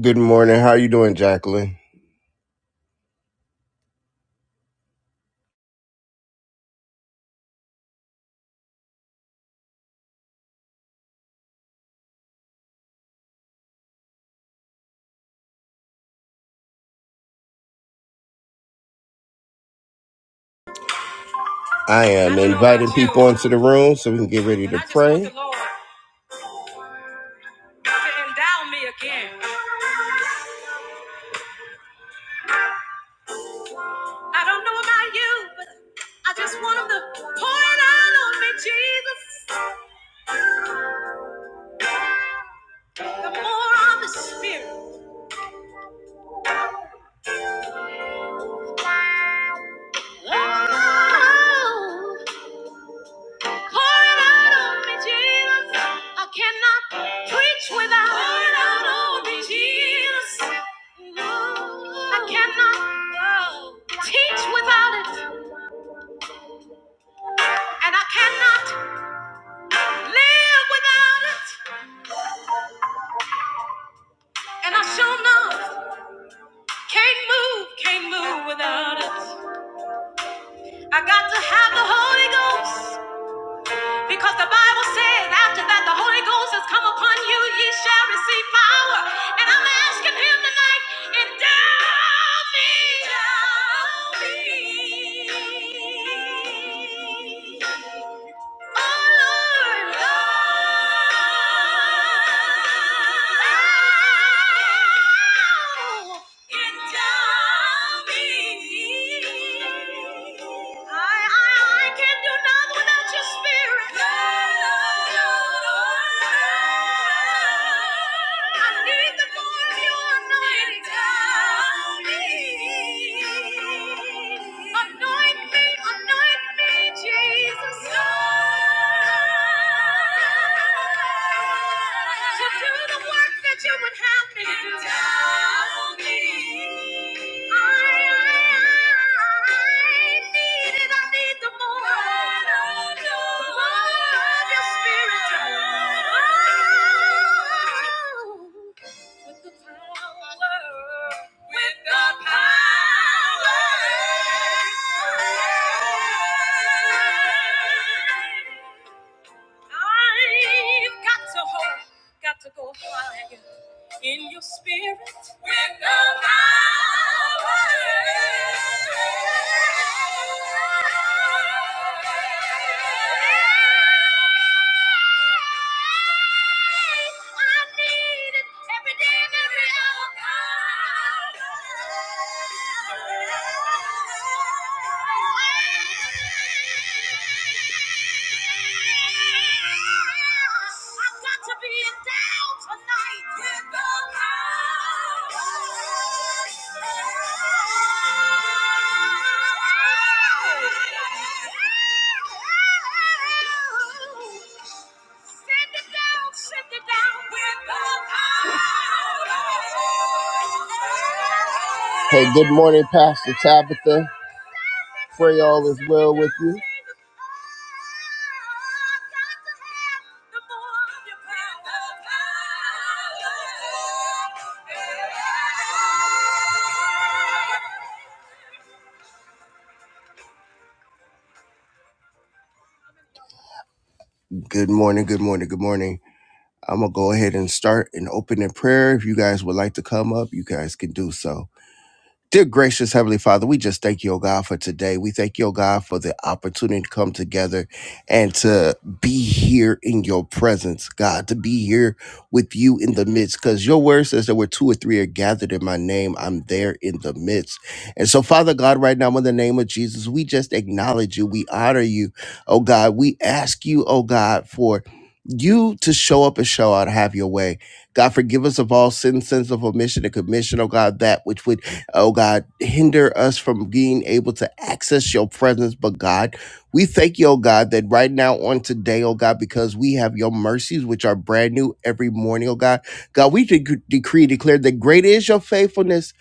Good morning. How you doing, Jacqueline? I am inviting people into the room so we can get ready to pray. Lord to endow me again. I don't know about you, but I just want him to pour it out on me, Jesus. The more of the Spirit. Oh, pour it out on me, Jesus. I cannot preach without pour it out on me, Jesus. I cannot oh, teach without it. And I cannot live without it. And I sure enough can't move, can't move without it. I got to have the Holy Ghost because the Bible says after that the Holy Ghost has come upon you, ye shall receive power. And I'm asking Him tonight, endow me, endow me. I need the more of your anointing. Endow me. Anoint me, anoint me, Jesus. To do the work that you would have me to do. Endow me. I, I, I need it. I need the more. The more of your spirit. Oh. With the power. With the power. I've got to hold, got to go higher in your spirit. With the power. I've got to be in town tonight. With the power. Send it down, send it down with the power. Hey, good morning, Pastor Tabitha. Pray all is well with you. Good morning, good morning, good morning. I'm going to go ahead and start and open in prayer. If you guys would like to come up, you guys can do so. Dear gracious Heavenly Father, we just thank you, oh God, for today. We thank you, oh God, for the opportunity to come together and to be here in your presence, God, to be here with you in the midst. Because your word says that where two or three are gathered in my name, I'm there in the midst. And so, Father God, right now, in the name of Jesus, we just acknowledge you. We honor you, oh God. We ask you, oh God, for you to show up and show out, have your way. God, forgive us of all sins, sins of omission and commission, oh God, that which would Oh God, hinder us from being able to access your presence. But God, we thank you, oh God, that right now on today, oh God, because we have your mercies, which are brand new every morning, oh God. God, we dec- decree, declare that great is your faithfulness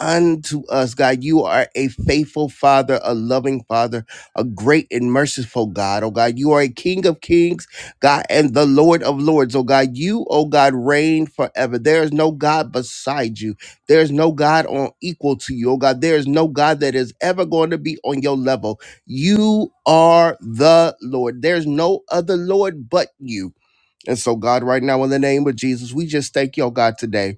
unto us, God. You are a faithful Father, a loving Father, a great and merciful God, oh God. You are a King of kings, God, and the Lord of lords, oh God. You, oh God, reign forever. There is no God beside you. There's no God on equal to you, oh God. There is no God that is ever going to be on your level. You are the Lord. There's no other Lord but you. And so, God, right now, in the name of Jesus, we just thank you, oh God, today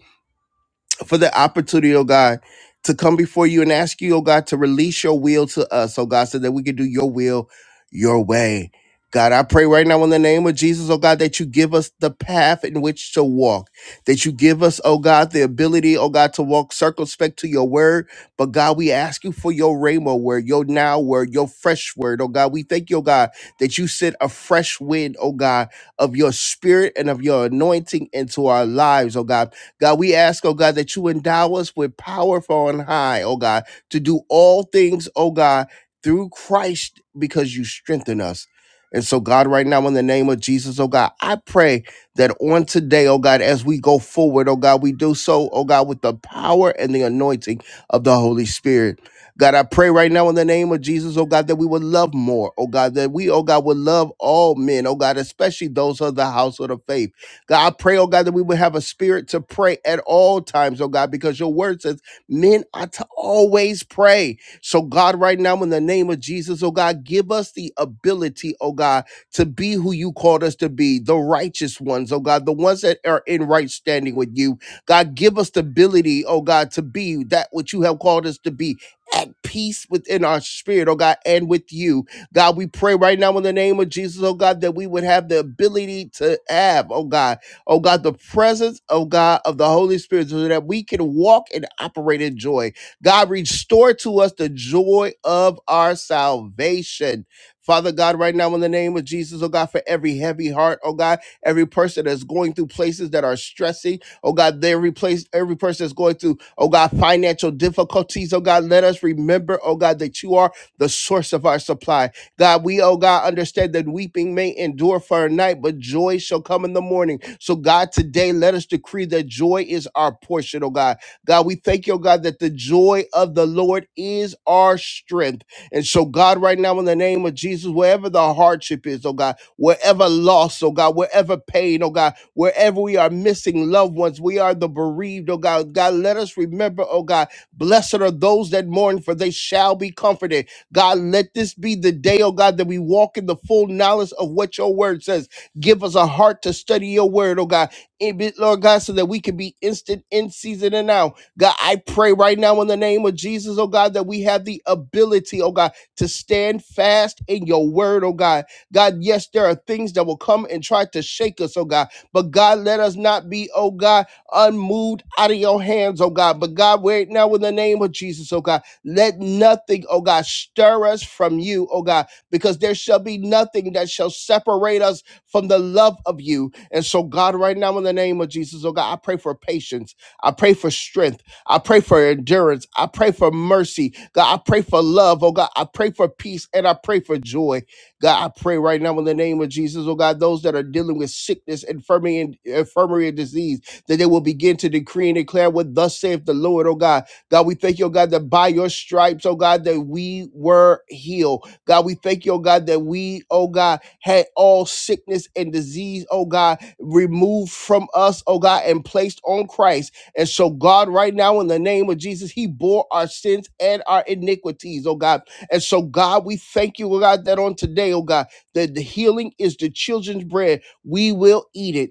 for the opportunity, oh God, to come before you and ask you, oh God, to release your will to us, oh God, so that we can do your will your way. God, I pray right now in the name of Jesus, oh God, that you give us the path in which to walk, that you give us, oh God, the ability, oh God, to walk circumspect to your word. But God, we ask you for your rhema word, your now word, your fresh word, oh God. We thank you, oh God, that you sent a fresh wind, oh God, of your spirit and of your anointing into our lives, oh God. God, we ask, oh God, that you endow us with power from on high, oh God, to do all things, oh God, through Christ because you strengthen us. And so, God, right now, in the name of Jesus, oh God, I pray that on today, oh God, as we go forward, oh God, we do so, oh God, with the power and the anointing of the Holy Spirit. God, I pray right now in the name of Jesus, oh God, that we would love more, oh God, that we, oh God, would love all men, oh God, especially those of the household of faith. God, I pray, oh God, that we would have a spirit to pray at all times, oh God, because your word says men are to always pray. So, God, right now, in the name of Jesus, oh God, give us the ability, oh God, to be who you called us to be, the righteous ones, oh God, the ones that are in right standing with you. God, give us the ability, oh God, to be that which you have called us to be. At peace within our spirit, oh God, and with you. God, we pray right now in the name of Jesus, oh God, that we would have the ability to have, oh God, oh God, the presence, oh God, of the Holy Spirit, so that we can walk and operate in joy. God, restore to us the joy of our salvation. Father God, right now in the name of Jesus, oh God, for every heavy heart, oh God, every person that's going through places that are stressing, oh God, every place, every person that's going through, oh God, financial difficulties, oh God, let us remember, oh God, that you are the source of our supply. God, we, oh God, understand that weeping may endure for a night, but joy shall come in the morning. So, God, today let us decree that joy is our portion, oh God. God, we thank you, oh God, that the joy of the Lord is our strength. And so, God, right now, in the name of Jesus, wherever the hardship is, oh God, wherever loss, oh God, wherever pain, oh God, wherever we are missing loved ones, we are the bereaved, oh God. God, let us remember, oh God, blessed are those that mourn, for they shall be comforted. God, let this be the day, oh God, that we walk in the full knowledge of what your word says. Give us a heart to study your word, oh God. In bit, Lord God, so that we can be instant in season and out. God, I pray right now in the name of Jesus, oh God, that we have the ability, oh God, to stand fast in your word, oh God. God, yes, there are things that will come and try to shake us, oh God. But God, let us not be, oh God, unmoved out of your hands, oh God. But God, right now in the name of Jesus, oh God. Let nothing, oh God, stir us from you, oh God, because there shall be nothing that shall separate us from the love of you. And so, God, right now, in the name of Jesus, oh God, I pray for patience. I pray for strength. I pray for endurance. I pray for mercy. God, I pray for love, oh God. I pray for peace and I pray for joy. God, I pray right now in the name of Jesus, oh God, those that are dealing with sickness, infirmity, and infirmary and disease, that they will begin to decree and declare what thus saith the Lord, oh God God, we thank you, oh God, that by your stripes, oh God, that we were healed. God, we thank you, oh God, that we, oh God, had all sickness and disease, oh God, removed from us, oh God, and placed on Christ. And so, God, right now, in the name of Jesus, He bore our sins and our iniquities, oh God. And so, God, we thank you, oh God, that on today, oh God, that the healing is the children's bread. We will eat it.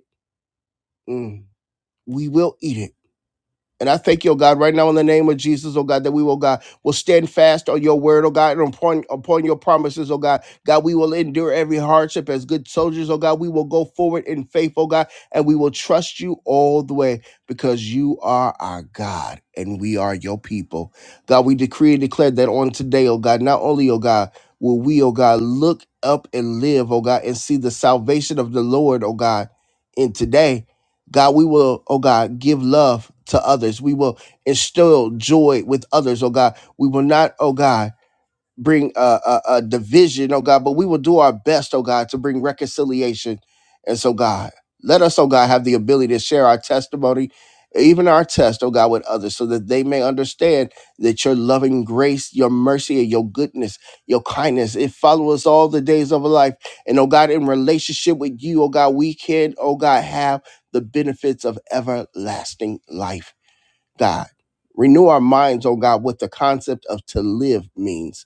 Mm, We will eat it and I thank you, oh God, right now in the name of Jesus, oh God, that we, oh God, will stand fast on your word, oh God, and upon, upon your promises, oh God. God, we will endure every hardship as good soldiers, oh God. We will go forward in faith, oh God, and we will trust you all the way because you are our God and we are your people. God, we decree and declare that on today, oh God, not only, oh God, will we, oh God, look up and live, oh God, and see the salvation of the Lord, oh God, in today God, we will, oh God, give love to others. We will instill joy with others, oh God. We will not, oh God bring a, a, a division, oh God, but we will do our best, oh God, to bring reconciliation. And so, God, let us, oh God, have the ability to share our testimony, even our test, oh God, with others, so that they may understand that your loving grace, your mercy, and your goodness, your kindness, it follows us all the days of our life. And oh God, in relationship with you, oh God, we can, oh God, have the benefits of everlasting life. God, renew our minds, oh God, what the concept of to live means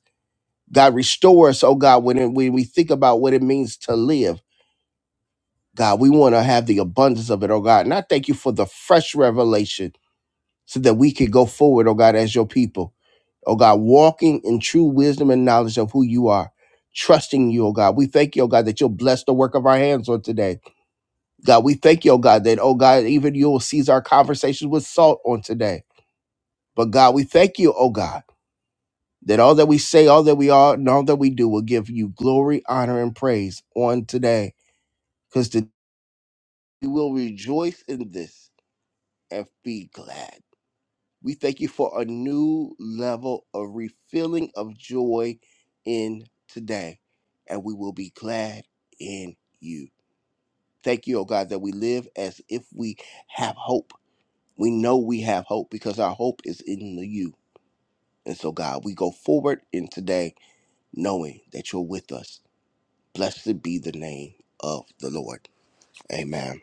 God, restore us, oh God, when, it, when we think about what it means to live. God, we want to have the abundance of it, oh God. And I thank you for the fresh revelation so that we can go forward, oh God, as your people. Oh God, walking in true wisdom and knowledge of who you are, trusting you, oh God. We thank you, oh God, that you'll bless the work of our hands on today. God, we thank you, oh God, that, oh God, even you'll seize our conversations with salt on today. But God, we thank you, oh God. that all that we say, all that we are, and all that we do will give you glory, honor, and praise on today. Because today we will rejoice in this and be glad. We thank you for a new level of refilling of joy in today. And we will be glad in you. Thank you, oh God, that we live as if we have hope. We know we have hope because our hope is in you. And so, God, we go forward in today knowing that you're with us Blessed be the name of the Lord. Amen.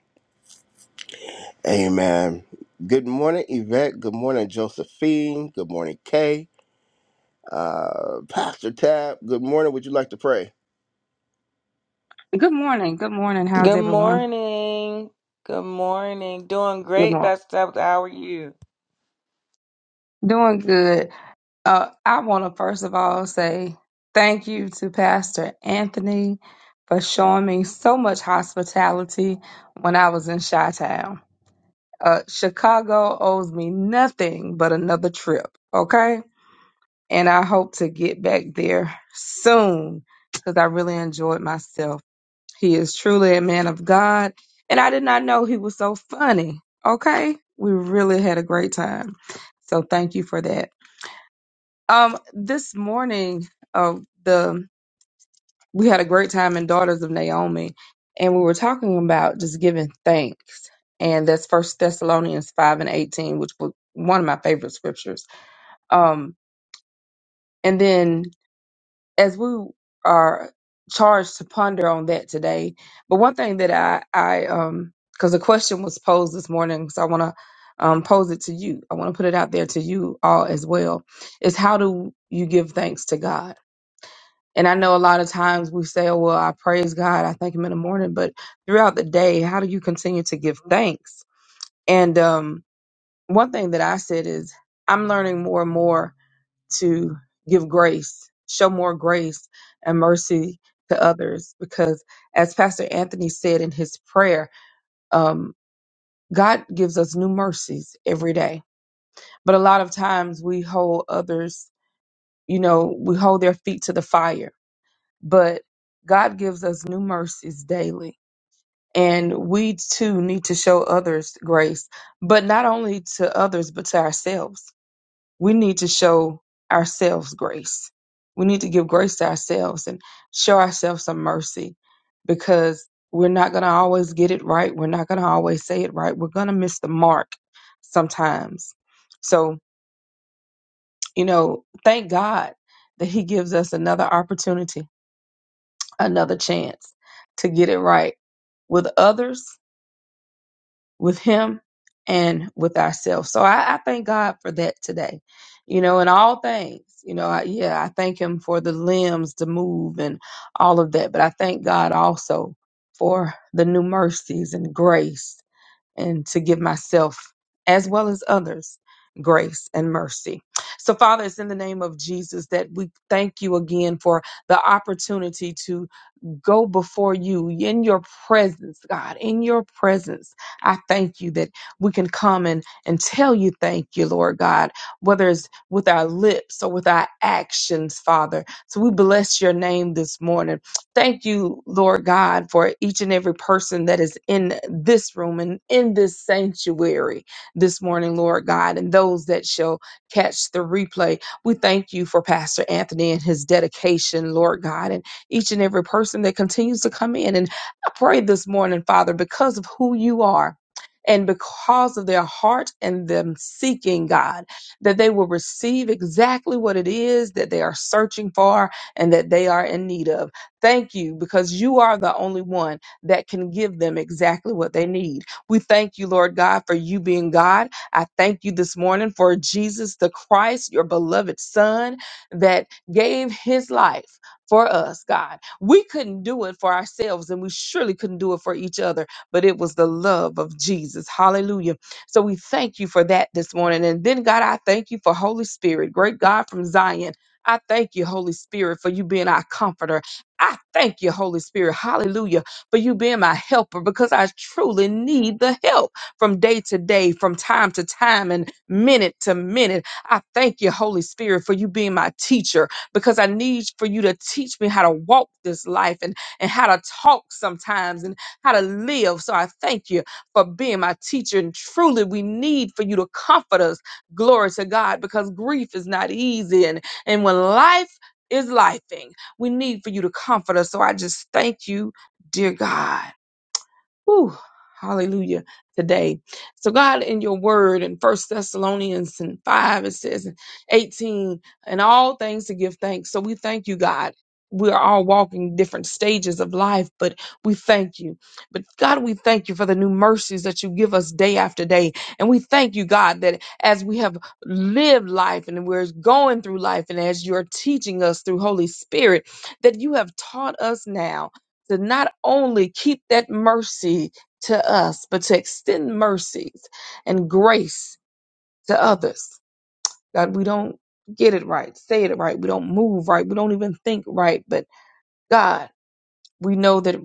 Amen. Good morning, Yvette. Good morning, Josephine. Good morning, Kay. Uh, Pastor Tab. Good morning. Would you like to pray? Good morning. Good morning. How's Good everyone? morning. Good morning. Doing Good great, morning. Best Step. How are you? Doing good. Uh, I want to first of all say thank you to Pastor Anthony for showing me so much hospitality when I was in Chi-Town. Uh, Chicago owes me nothing but another trip, okay? And I hope to get back there soon because I really enjoyed myself. He is truly a man of God. And I did not know he was so funny. Okay. We really had a great time. So thank you for that. Um, this morning, uh, the we had a great time in Daughters of Naomi, and we were talking about just giving thanks. And that's First Thessalonians five and eighteen, which was one of my favorite scriptures. Um, and then as we are charged to ponder on that today. But one thing that I, I, um, because the question was posed this morning, so I want to um, pose it to you. I want to put it out there to you all as well. Is how do you give thanks to God? And I know a lot of times we say, "Oh well, I praise God, I thank Him in the morning," but throughout the day, how do you continue to give thanks? And um, one thing that I said is, I'm learning more and more to give grace, show more grace and mercy to others. Because as Pastor Anthony said in his prayer, um, God gives us new mercies every day. But a lot of times we hold others, you know, we hold their feet to the fire. But God gives us new mercies daily. And we too need to show others grace, but not only to others, but to ourselves we need to show ourselves grace. We need to give grace to ourselves and show ourselves some mercy because we're not going to always get it right. We're not going to always say it right. We're going to miss the mark sometimes. So, you know, thank God that He gives us another opportunity, another chance to get it right with others with him and with ourselves. So I, I thank God for that today, you know, in all things, you know, I, yeah, I thank him for the limbs to move and all of that. But I thank God also for the new mercies and grace and to give myself as well as others grace and mercy. So Father, it's in the name of Jesus that we thank you again for the opportunity to will go before you in your presence, God, in your presence. I thank you that we can come and, and tell you thank you, Lord God, whether it's with our lips or with our actions, Father. So we bless your name this morning. Thank you, Lord God, for each and every person that is in this room and in this sanctuary this morning, Lord God, and those that shall catch the replay. We thank you for Pastor Anthony and his dedication, Lord God. and each and every person that continues to come in. And I pray this morning, Father, because of who you are. And because of their heart and them seeking God, that they will receive exactly what it is that they are searching for and that they are in need of. Thank you because you are the only one that can give them exactly what they need. We thank you, Lord God, for you being God. I thank you this morning for Jesus the Christ, your beloved Son, that gave his life for us, God. We couldn't do it for ourselves, and we surely couldn't do it for each other, but it was the love of Jesus. Hallelujah. So we thank you for that this morning. And then, God, I thank you for Holy Spirit, great God from Zion. I thank you, Holy Spirit, for you being our comforter. I thank you, Holy Spirit, hallelujah, for you being my helper because I truly need the help from day to day, from time to time, and minute to minute. I thank you, Holy Spirit, for you being my teacher because I need for you to teach me how to walk this life and, and how to talk sometimes and how to live. So I thank you for being my teacher. And truly, we need for you to comfort us. Glory to God, because grief is not easy. And, and when life is lifing, we need for you to comfort us. So I just thank you, dear God. Whew, hallelujah today. So God in your word in First Thessalonians and five, it says 18, and all things to give thanks. So we thank you, God. We are all walking different stages of life, but we thank you. But God, we thank you for the new mercies that you give us day after day. And we thank you, God, that as we have lived life and we're going through life, and as you're teaching us through Holy Spirit, that you have taught us now to not only keep that mercy to us, but to extend mercies and grace to others. God, we don't get it right, say it right, we don't move right, we don't even think right, but God, we know that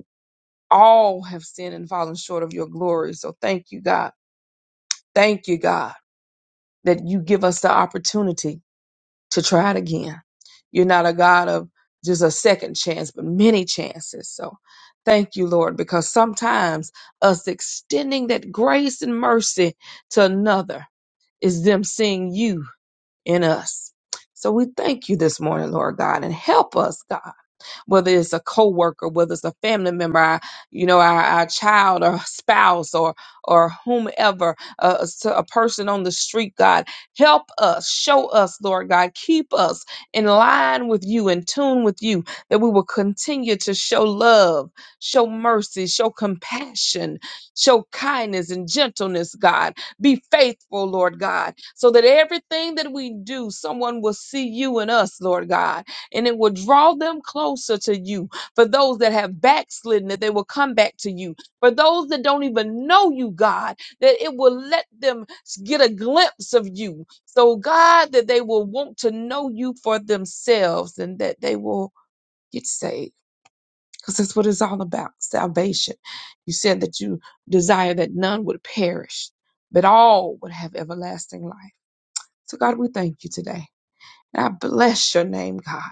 all have sinned and fallen short of your glory. So thank you, God. Thank you, God, that you give us the opportunity to try it again. You're not a God of just a second chance, but many chances. So thank you, Lord, because sometimes us extending that grace and mercy to another is them seeing you in us. So we thank you this morning, Lord God, and help us, God whether it's a coworker, whether it's a family member, our, you know, our, our child or spouse or or whomever, uh, s- a person on the street, God, help us, show us, Lord God, keep us in line with you, in tune with you, that we will continue to show love, show mercy, show compassion, show kindness and gentleness, God. Be faithful, Lord God, so that everything that we do, someone will see you in us, Lord God and it will draw them closer to you. For those that have backslidden, that they will come back to you. For those that don't even know you, God, that it will let them s- get a glimpse of you. So, God, that they will want to know you for themselves and that they will get saved. Because that's what it's all about salvation. You said that you desire that none would perish, but all would have everlasting life. So, God, we thank you today. And I bless your name, God.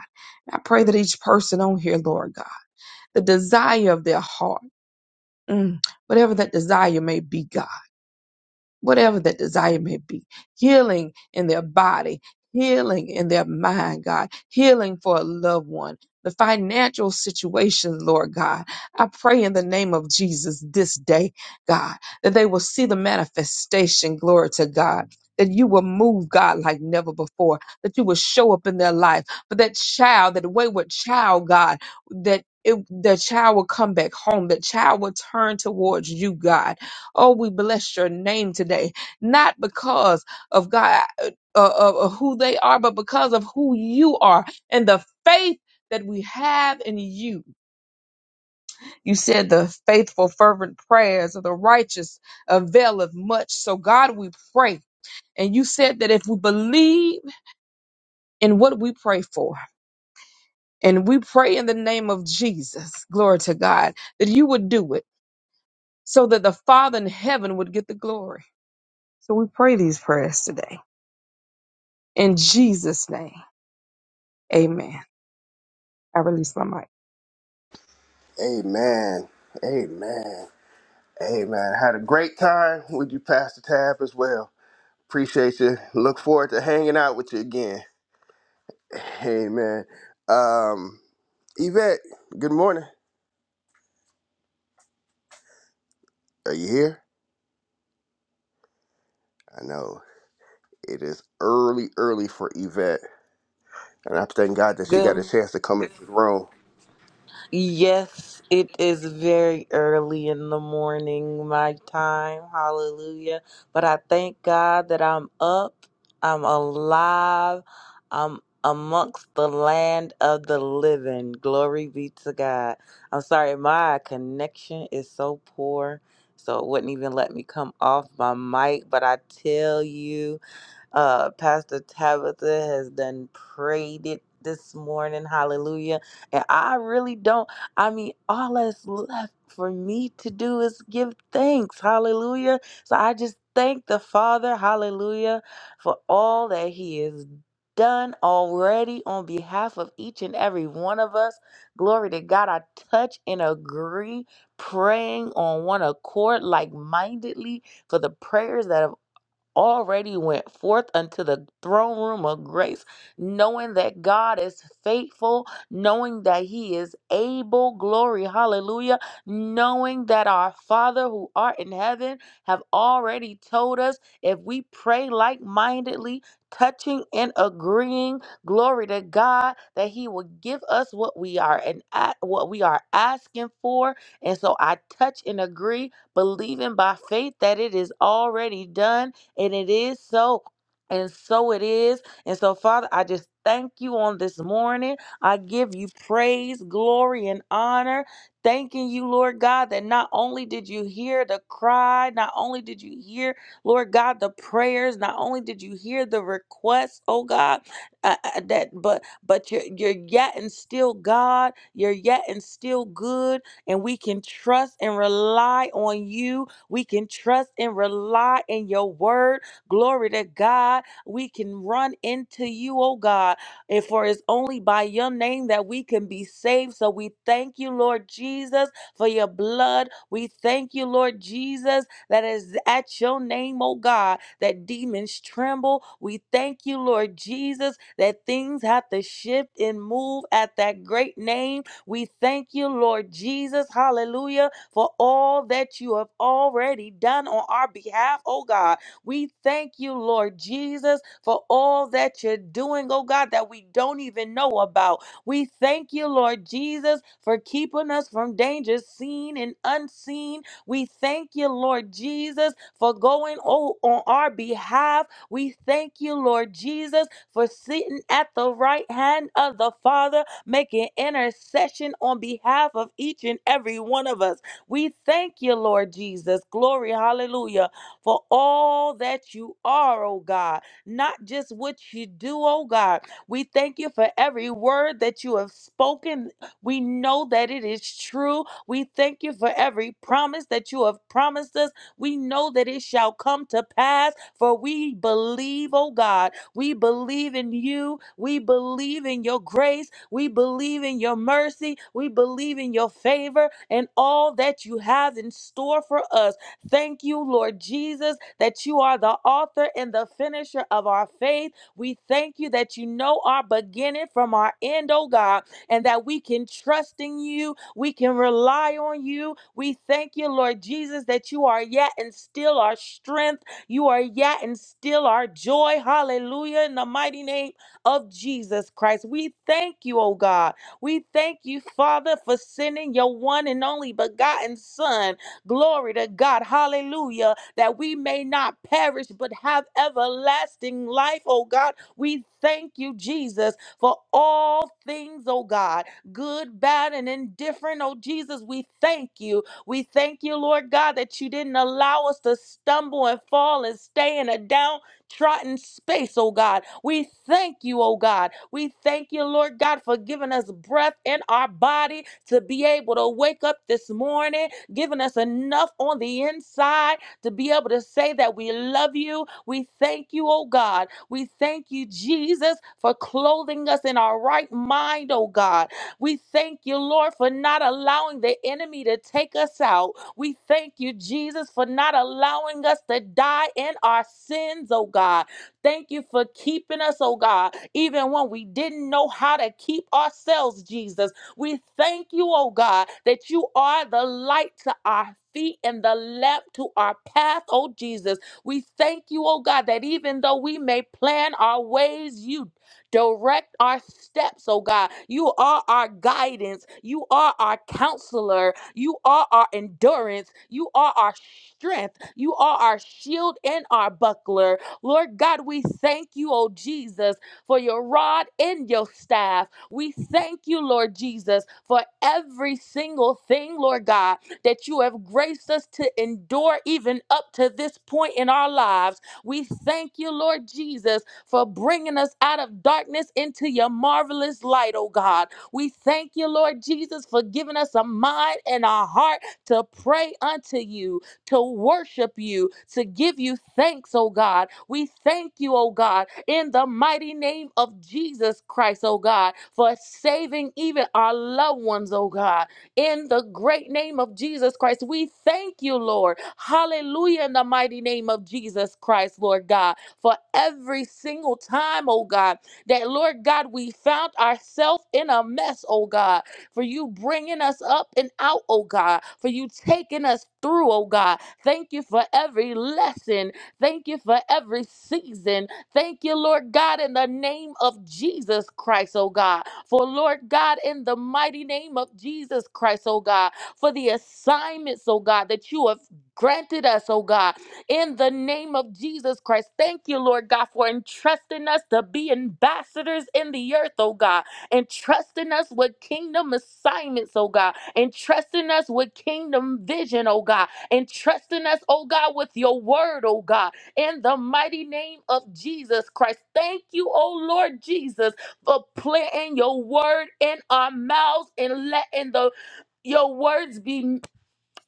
And I pray that each person on here, Lord God, the desire of their heart, mm, whatever that desire may be, God whatever that desire may be, healing in their body, healing in their mind, God, healing for a loved one. The financial situation, Lord God, I pray in the name of Jesus this day, God, that they will see the manifestation, glory to God, that you will move, God, like never before, that you will show up in their life. For that child, that wayward child, God, that it, that child will come back home, that child will turn towards you, God, Oh, we bless your name today, not because of God, uh, uh, of who they are, but because of who you are and the faith that we have in you. You said the faithful, fervent prayers of the righteous availeth much. So, God, we pray. And you said that if we believe in what we pray for, and we pray in the name of Jesus, glory to God, that you would do it so that the Father in heaven would get the glory. So we pray these prayers today. In Jesus' name, amen. I release my mic. Amen. Amen. Amen. Had a great time with you, Pastor Tab, as well. Appreciate you. Look forward to hanging out with you again. Amen. Um, Yvette, good morning. Are you here? I know it is early, early for Yvette. And I thank God that she got a Good. chance to come into the room. Yes, it is very early in the morning, my time. Hallelujah. But I thank God that I'm up. I'm alive. I'm amongst the land of the living. Glory be to God. I'm sorry, my connection is so poor, so it wouldn't even let me come off my mic. But I tell you. Uh, Pastor Tabitha has done prayed it this morning. Hallelujah. And I really don't, I mean, all that's left for me to do is give thanks. Hallelujah. So I just thank the Father. Hallelujah. For all that He has done already on behalf of each and every one of us. Glory to God. I touch and agree, praying on one accord, like mindedly, for the prayers that have already went forth unto the throne room of grace, knowing that God is faithful, knowing that He is able. Glory, hallelujah. Knowing that our Father who art in heaven have already told us if we pray like mindedly, touching and agreeing, glory to God, that He will give us what we are and a- what we are asking for. And so I touch and agree, believing by faith that it is already done and it is so. And so it is. And so, Father, I just thank you on this morning. I give you praise, glory, and honor. Thanking you, Lord God, that not only did you hear the cry, not only did you hear, Lord God, the prayers, not only did you hear the requests, oh God, uh, uh, that but but you're you're yet and still God, you're yet and still good, and we can trust and rely on you we can trust and rely in your word. Glory to God. We can run into you, oh God. And for it's only by your name that we can be saved. So we thank you, Lord Jesus, for your blood. We thank you, Lord Jesus, that is at your name, oh God, that demons tremble. We thank you, Lord Jesus, that things have to shift and move at that great name we thank you, Lord Jesus, hallelujah, for all that you have already done on our behalf, oh God. We thank you, Lord Jesus, for all that you're doing, oh God, that we don't even know about. We thank you, Lord Jesus, for keeping us from dangers seen and unseen. We thank you, Lord Jesus, for going oh, on our behalf. We thank you, Lord Jesus, for sitting at the right hand of the Father making intercession on behalf of each and every one of us. We thank you, Lord Jesus. Glory, hallelujah, for all that you are, oh God, not just what you do, oh God. We thank you for every word that you have spoken. We know that it is true. We thank you for every promise that you have promised us. We know that it shall come to pass, for we believe, oh God. We believe in you. We believe in your grace. We believe in your mercy. We believe in your favor and all that you have in store for us. Thank you, Lord Jesus, that you are the author and the finisher of our faith. We thank you that you know our beginning from our end, oh God, and that we can trust in you. We can rely on you. We thank you, Lord Jesus, that you are yet and still our strength you are yet and still our joy. Hallelujah. In the mighty name of Jesus Christ. We thank you, oh God. We thank you, Father, for sending your one and only begotten Son. Glory to God. Hallelujah. That we may not perish but have everlasting life, oh God. We thank you, Jesus, for all things, oh God. Good, bad, and indifferent, oh Jesus. We thank you we thank you, Lord God, that you didn't allow us to stumble and fall and stay in a downtrodden space, oh God. We thank you, oh God. We thank you, Lord God, for giving us breath in our body to be able to wake up this morning, giving us enough on the inside to be able to say that we love you. We thank you, oh God. We thank you, Jesus, for clothing us in our right mind, oh God. We thank you, Lord, for not allowing the enemy to take us out. We thank you, Jesus, for not allowing us to die in our sins, oh God. Thank you for keeping us, oh God, even when we didn't know how to keep ourselves, Jesus. We thank you, oh God, that you are the light to our feet and the lamp to our path, oh Jesus. We thank you, oh God, that even though we may plan our ways, you Direct our steps, oh God. You are our guidance. You are our counselor. You are our endurance. You are our strength. You are our shield and our buckler. Lord God, we thank you, oh Jesus, for your rod and your staff. We thank you, Lord Jesus, for every single thing, Lord God, that you have graced us to endure even up to this point in our lives. We thank you, Lord Jesus for bringing us out of darkness into your marvelous light, oh God. We thank you, Lord Jesus, for giving us a mind and a heart to pray unto you, to worship you, to give you thanks, oh God. We thank you, oh God, in the mighty name of Jesus Christ, oh God, for saving even our loved ones, oh God. In the great name of Jesus Christ, we thank you, Lord. Hallelujah, in the mighty name of Jesus Christ, Lord God for every single time, oh God, that Lord God, we found ourselves in a mess, oh God, for you bringing us up and out, oh God, for you taking us through, oh God. Thank you for every lesson. Thank you for every season. Thank you, Lord God, in the name of Jesus Christ, oh God. For Lord God, in the mighty name of Jesus Christ, oh God, for the assignments, oh God, that you have granted us, oh God, in the name of Jesus Christ. Thank you, Lord God, for entrusting us to be ambassadors in the earth, oh God, entrusting us with kingdom assignments, oh God, entrusting us with kingdom vision, oh God, entrusting us, oh God, with your word, oh God, in the mighty name of Jesus Christ. Thank you, oh Lord Jesus, for planting your word in our mouths and letting the your words be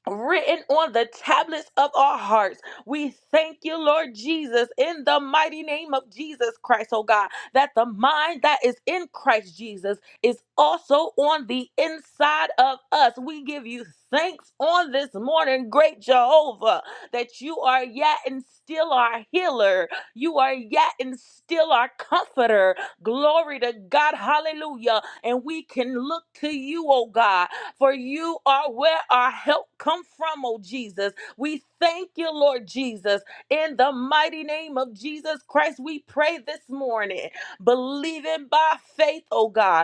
written on the tablets of our hearts. We thank you, Lord Jesus, in the mighty name of Jesus Christ, oh God, that the mind that is in Christ Jesus is also on the inside of us. We give you thanks on this morning, great Jehovah, that you are yet and still our healer. You are yet and still our comforter. Glory to God. Hallelujah. And we can look to you, oh God, for you are where our help come from, oh Jesus. We thank you, Lord Jesus. In the mighty name of Jesus Christ, we pray this morning, believing by faith, oh God,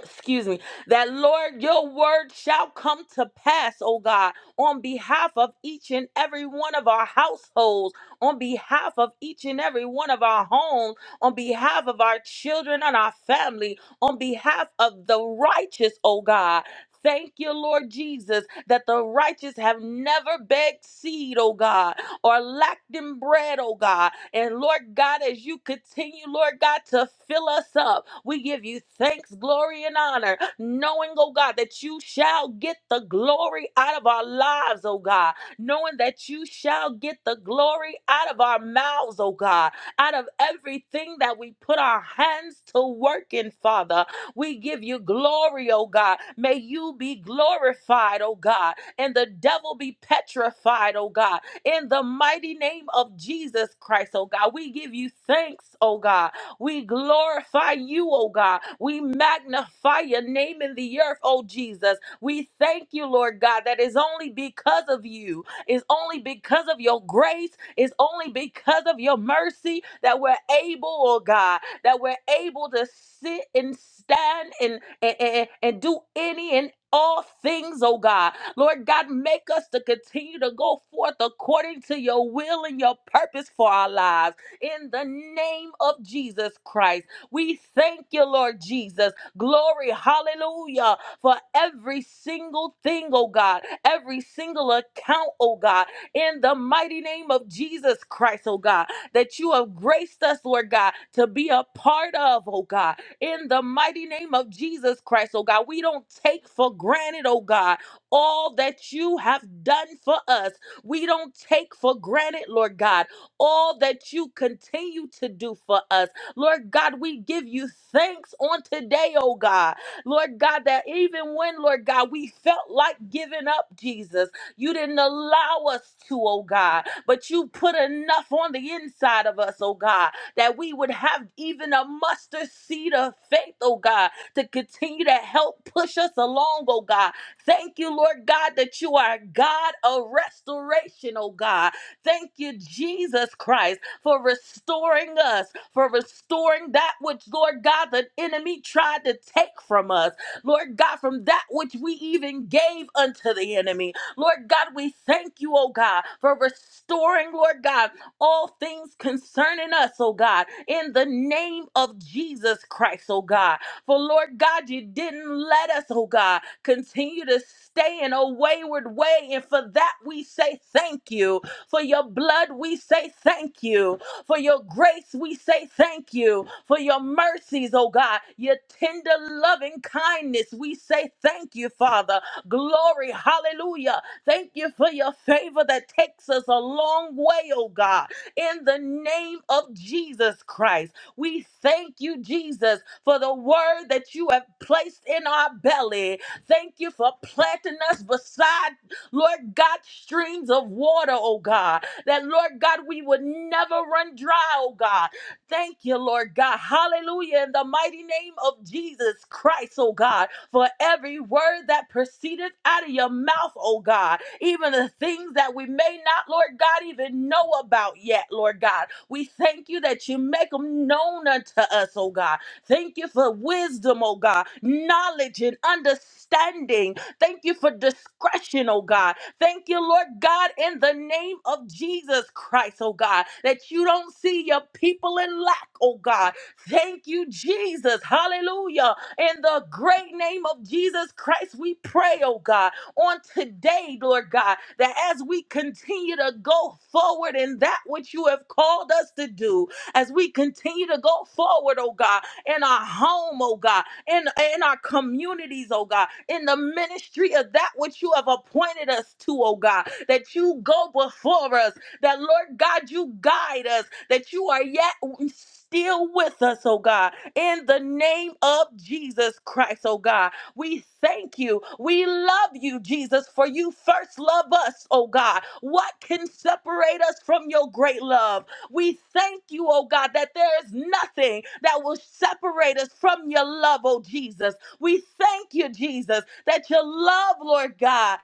excuse me, that Lord, your word shall come to pass, oh God, on behalf of each and every one of our households, on behalf of each and every one of our homes, on behalf of our children and our family, on behalf of the righteous, oh God. Thank you, Lord Jesus, that the righteous have never begged seed, oh God, or lacked in bread, oh God. And Lord God, as you continue, Lord God, to fill us up, we give you thanks, glory, and honor, knowing, oh God, that you shall get the glory out of our lives, oh God, knowing that you shall get the glory out of our mouths, oh God, out of everything that we put our hands to work in, Father. We give you glory, oh God. May you be glorified, oh God, and the devil be petrified, oh God in the mighty name of Jesus Christ, oh God. We give you thanks, oh God. We glorify you, oh God. We magnify your name in the earth, oh Jesus. We thank you, Lord God, that is only because of you, is only because of your grace, is only because of your mercy that we're able, oh God, that we're able to sit and stand and, and, and, and do any and all things, oh God. Lord God, make us to continue to go forth according to your will and your purpose for our lives. In the name of Jesus Christ, we thank you, Lord Jesus. Glory, hallelujah, for every single thing, oh God, every single account, oh God, in the mighty name of Jesus Christ, oh God, that you have graced us, Lord God, to be a part of, oh God in the mighty name of Jesus Christ, oh God. We don't take for granted, oh God, all that you have done for us. We don't take for granted, Lord God, all that you continue to do for us. Lord God, we give you thanks on today, oh God. Lord God, that even when, Lord God, we felt like giving up, Jesus, you didn't allow us to, oh God, but you put enough on the inside of us, oh God, that we would have even a mustard seed of faith, oh God, to continue to help push us along, oh God, Thank you, Lord God, that you are a God of restoration, oh God. Thank you, Jesus Christ, for restoring us, for restoring that which, Lord God, the enemy tried to take from us. Lord God, from that which we even gave unto the enemy. Lord God, we thank you, oh God, for restoring, Lord God, all things concerning us, oh God, in the name of Jesus Christ, oh God. For Lord God, you didn't let us, oh God, continue to stay in a wayward way. And for that, we say thank you. For your blood, we say thank you. For your grace, we say thank you. For your mercies, oh God, your tender loving kindness, we say thank you, Father. Glory, hallelujah. Thank you for your favor that takes us a long way, oh God. In the name of Jesus Christ, we thank you, Jesus for the word that you have placed in our belly. Thank you for planting us beside, Lord God, streams of water, oh God, that, Lord God, we would never run dry, oh God. Thank you, Lord God. Hallelujah. In the mighty name of Jesus Christ, oh God, for every word that proceedeth out of your mouth, oh God, even the things that we may not, Lord God, even know about yet, Lord God. We thank you that you make them known unto us, oh God Thank you for wisdom, oh God, knowledge and understanding. Thank you for discretion, oh God. Thank you, Lord God, in the name of Jesus Christ, oh God, that you don't see your people in lack, oh God. Thank you, Jesus. Hallelujah. In the great name of Jesus Christ, we pray, oh God, on today, Lord God, that as we continue to go forward in that which you have called us to do, as we continue to go forward, oh God, in our home, oh God, in, in our communities, oh God, in the ministry of that which you have appointed us to, oh God, that you go before us, that Lord God, you guide us, that you are yet still with us, oh God, in the name of Jesus Christ, oh God. We thank you. We love you, Jesus, for you first love us, oh God. What can separate us from your great love? We thank you, oh God, that there is nothing that will separate us from your love, oh Jesus. We thank you, Jesus, that your love, Lord God,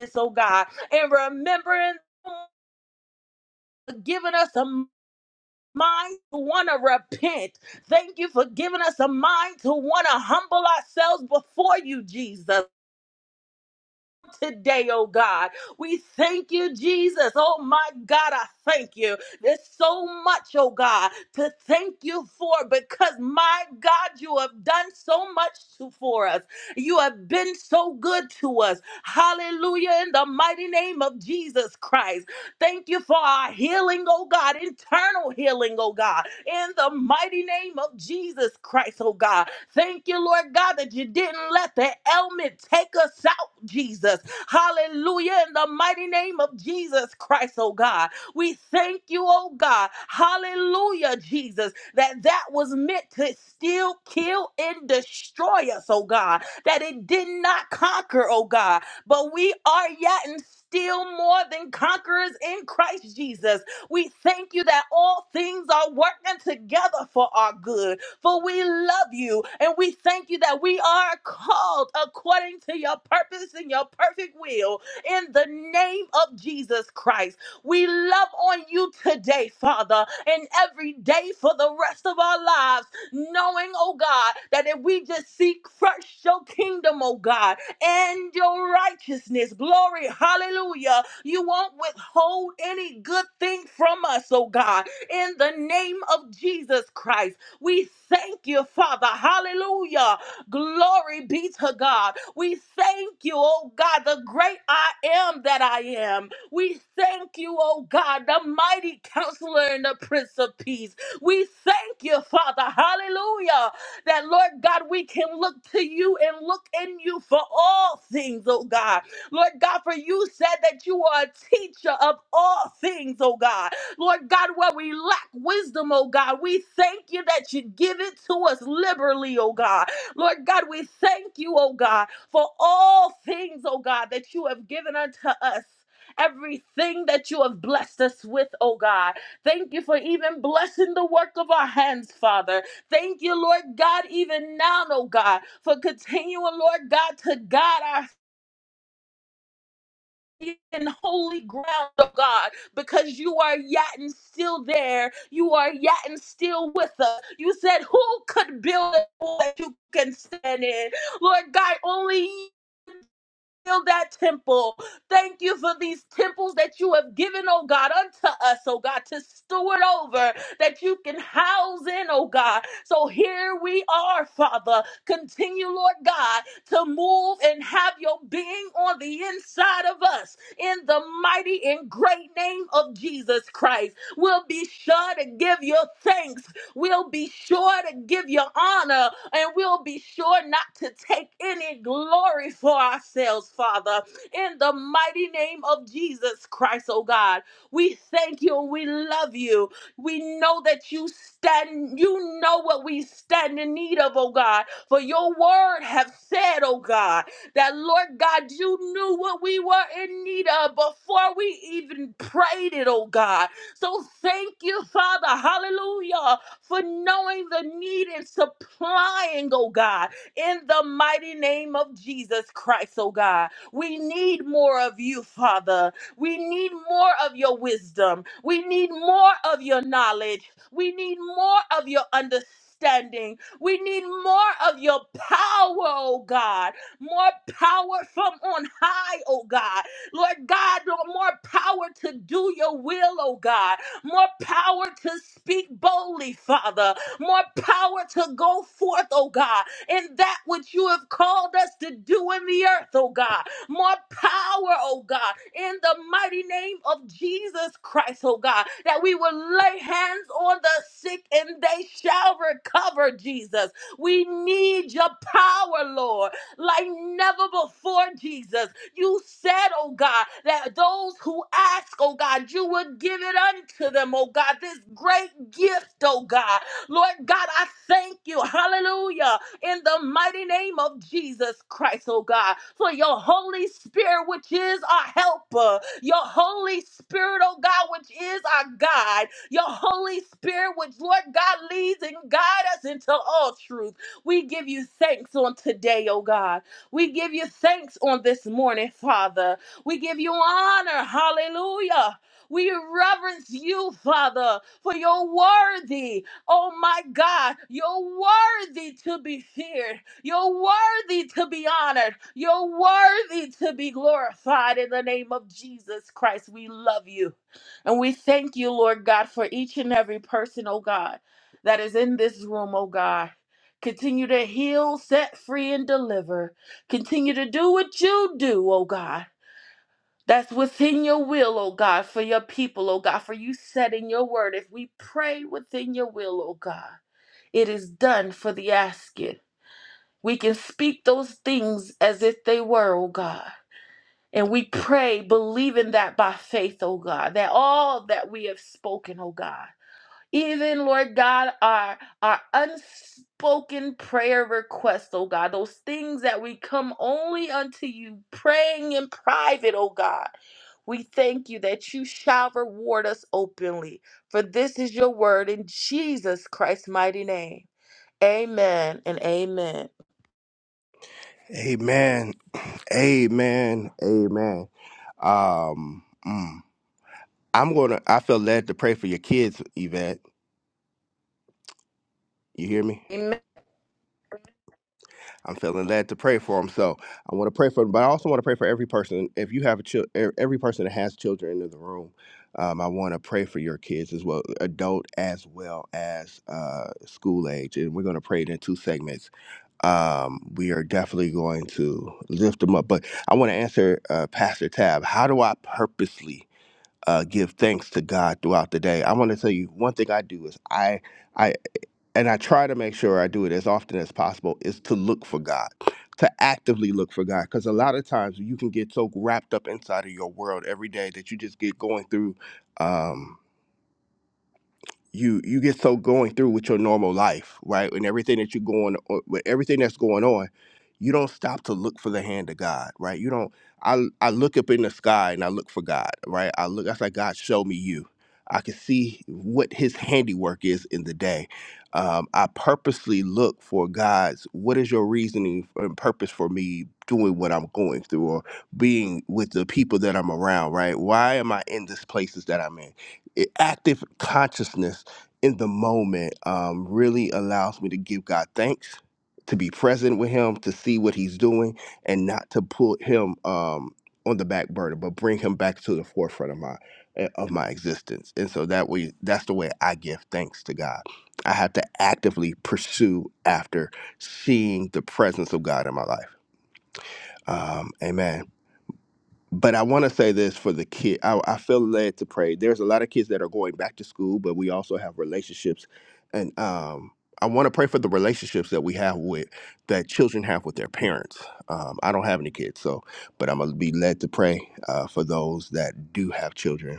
is, oh God, and remembering, giving us a mind to want to repent. Thank you for giving us a mind to want to humble ourselves before you, Jesus. today, oh God. We thank you, Jesus. Oh my God, I thank you. There's so much, oh God, to thank you for because my God, you have done so much to, for us. You have been so good to us. Hallelujah, in the mighty name of Jesus Christ. Thank you for our healing, oh God, internal healing, oh God, in the mighty name of Jesus Christ, oh God. Thank you, Lord God, that you didn't let the ailment take us out, Jesus. Hallelujah. In the mighty name of Jesus Christ, oh God. We thank you, oh God. Hallelujah, Jesus, that that was meant to still kill and destroy us, oh God. That it did not conquer, oh God. But we are yet and still more than conquerors in Christ Jesus. We thank you that all things are working together for our good for we love you and we thank you that we are called according to your purpose and your perfect will in the name of Jesus Christ. We love on you today, Father, and every day for the rest of our lives, knowing, oh God, that if we just seek first your kingdom, oh God, and your righteousness, glory, hallelujah, you won't withhold any good thing from us, oh God, in the name of Jesus Christ. We thank you, Father. Hallelujah. Glory be to God. We thank you, oh God, the great I am that I am. We thank you, oh God, the mighty counselor and the prince of peace. We thank you, Father. Hallelujah. That, Lord God, we can look to you and look in you for all things, oh God. Lord God, for you said that you are a teacher of all things, oh God. Lord God, where we lack wisdom, oh God, we thank you that you give it to us liberally, oh God. Lord God, we thank you, oh God, for all things, oh God, that you have given unto us. Everything that you have blessed us with, oh God. Thank you for even blessing the work of our hands, Father. Thank you, Lord God, even now, oh God, for continuing, Lord God, to guide our and holy ground, oh God, because you are yet and still there. You are yet and still with us. You said, Who could build a wall that you can stand in? Lord God, only Build that temple. Thank you for these temples that you have given, oh God, unto us, oh God, to steward over, that you can house in, oh God. So here we are, Father. Continue, Lord God, to move and have your being on the inside of us in the mighty and great name of Jesus Christ. We'll be sure to give you thanks We'll be sure to give you honor and we'll be sure not to take any glory for ourselves, Father. In the mighty name of Jesus Christ, oh God, we thank you. We love you. We know that you stand, you know what we stand in need of, oh God. For your word have said, oh God, that Lord God, you knew what we were in need of before we even prayed it, oh God. So thank you, Father. Hallelujah for knowing the need and supplying, oh God, in the mighty name of Jesus Christ, oh God. We need more of you, Father. We need more of your wisdom. We need more of your knowledge. We need more of your understanding. We need more of your power, oh God. More power from on high, oh God. Lord God, Lord, more power to do your will, oh God more power to speak boldly, Father, more power to go forth, oh God, in that which you have called us to do in the earth, oh God, more power, oh God, in the mighty name of Jesus Christ, oh God, that we will lay hands on the sick and they shall recover, Jesus. We need your power, Lord, like never before, Jesus. You said, oh God, that those who ask, oh God, you would give it unto them, oh God, this great gift, oh God. Lord God, I thank you, hallelujah, in the mighty name of Jesus Christ, oh God, for your Holy Spirit, which is our helper, your Holy Spirit, oh God, which is our guide, your Holy Spirit, which, Lord God, leads and guides us into all truth. We give you thanks on today, oh God. We give you thanks on this morning, Father. We give you honor. Hallelujah. We reverence you, Father, for you're worthy. Oh my God, you're worthy to be feared. You're worthy to be honored. You're worthy to be glorified in the name of Jesus Christ. We love you. And we thank you, Lord God, for each and every person, oh God, that is in this room, oh God. Continue to heal, set free, and deliver. Continue to do what you do, oh God. That's within your will, oh God, for your people, oh God, for you said in your word, if we pray within your will, oh God, it is done for the asking. We can speak those things as if they were, oh God. And we pray, believing that by faith, oh God, that all that we have spoken, oh God even Lord God, our our unspoken prayer requests, oh God, those things that we come only unto you praying in private, oh God. We thank you that you shall reward us openly. For this is your word in Jesus Christ's mighty name. Amen and amen. Amen. Amen. Amen. Um, mm. I'm gonna. I feel led to pray for your kids, Yvette. You hear me? Amen. I'm feeling led to pray for them. So I want to pray for them, but I also want to pray for every person. If you have a child, every person that has children in the room, um, I want to pray for your kids as well, adult as well as uh, school age. And we're going to pray it in two segments. um, we are definitely going to lift them up. But I want to answer uh, Pastor Tab. How do I purposely uh, give thanks to God throughout the day? I want to tell you one thing I do is I I and I try to make sure I do it as often as possible is to look for God, to actively look for God, because a lot of times you can get so wrapped up inside of your world every day that you just get going through. Um, you you get so going through with your normal life, right? And everything that you're going o- with everything that's going on, you don't stop to look for the hand of God, right? You don't I I look up in the sky and I look for God, right? I look I say, God, show me you. I can see what his handiwork is in the day. Um, I purposely look for God's what is your reasoning and purpose for me doing what I'm going through or being with the people that I'm around, right? Why am I in these places that I'm in? It, active consciousness in the moment um, really allows me to give God thanks, to be present with Him, to see what He's doing, and not to put Him um, on the back burner, but bring Him back to the forefront of my eh, of my existence. And so that way, that's the way I give thanks to God. I have to actively pursue after seeing the presence of God in my life. Um, amen but I want to say this for the kid. I, I feel led to pray. There's a lot of kids that are going back to school, but we also have relationships, and um, I want to pray for the relationships that we have with that children have with their parents. Um, I don't have any kids, so but I'm gonna be led to pray uh, for those that do have children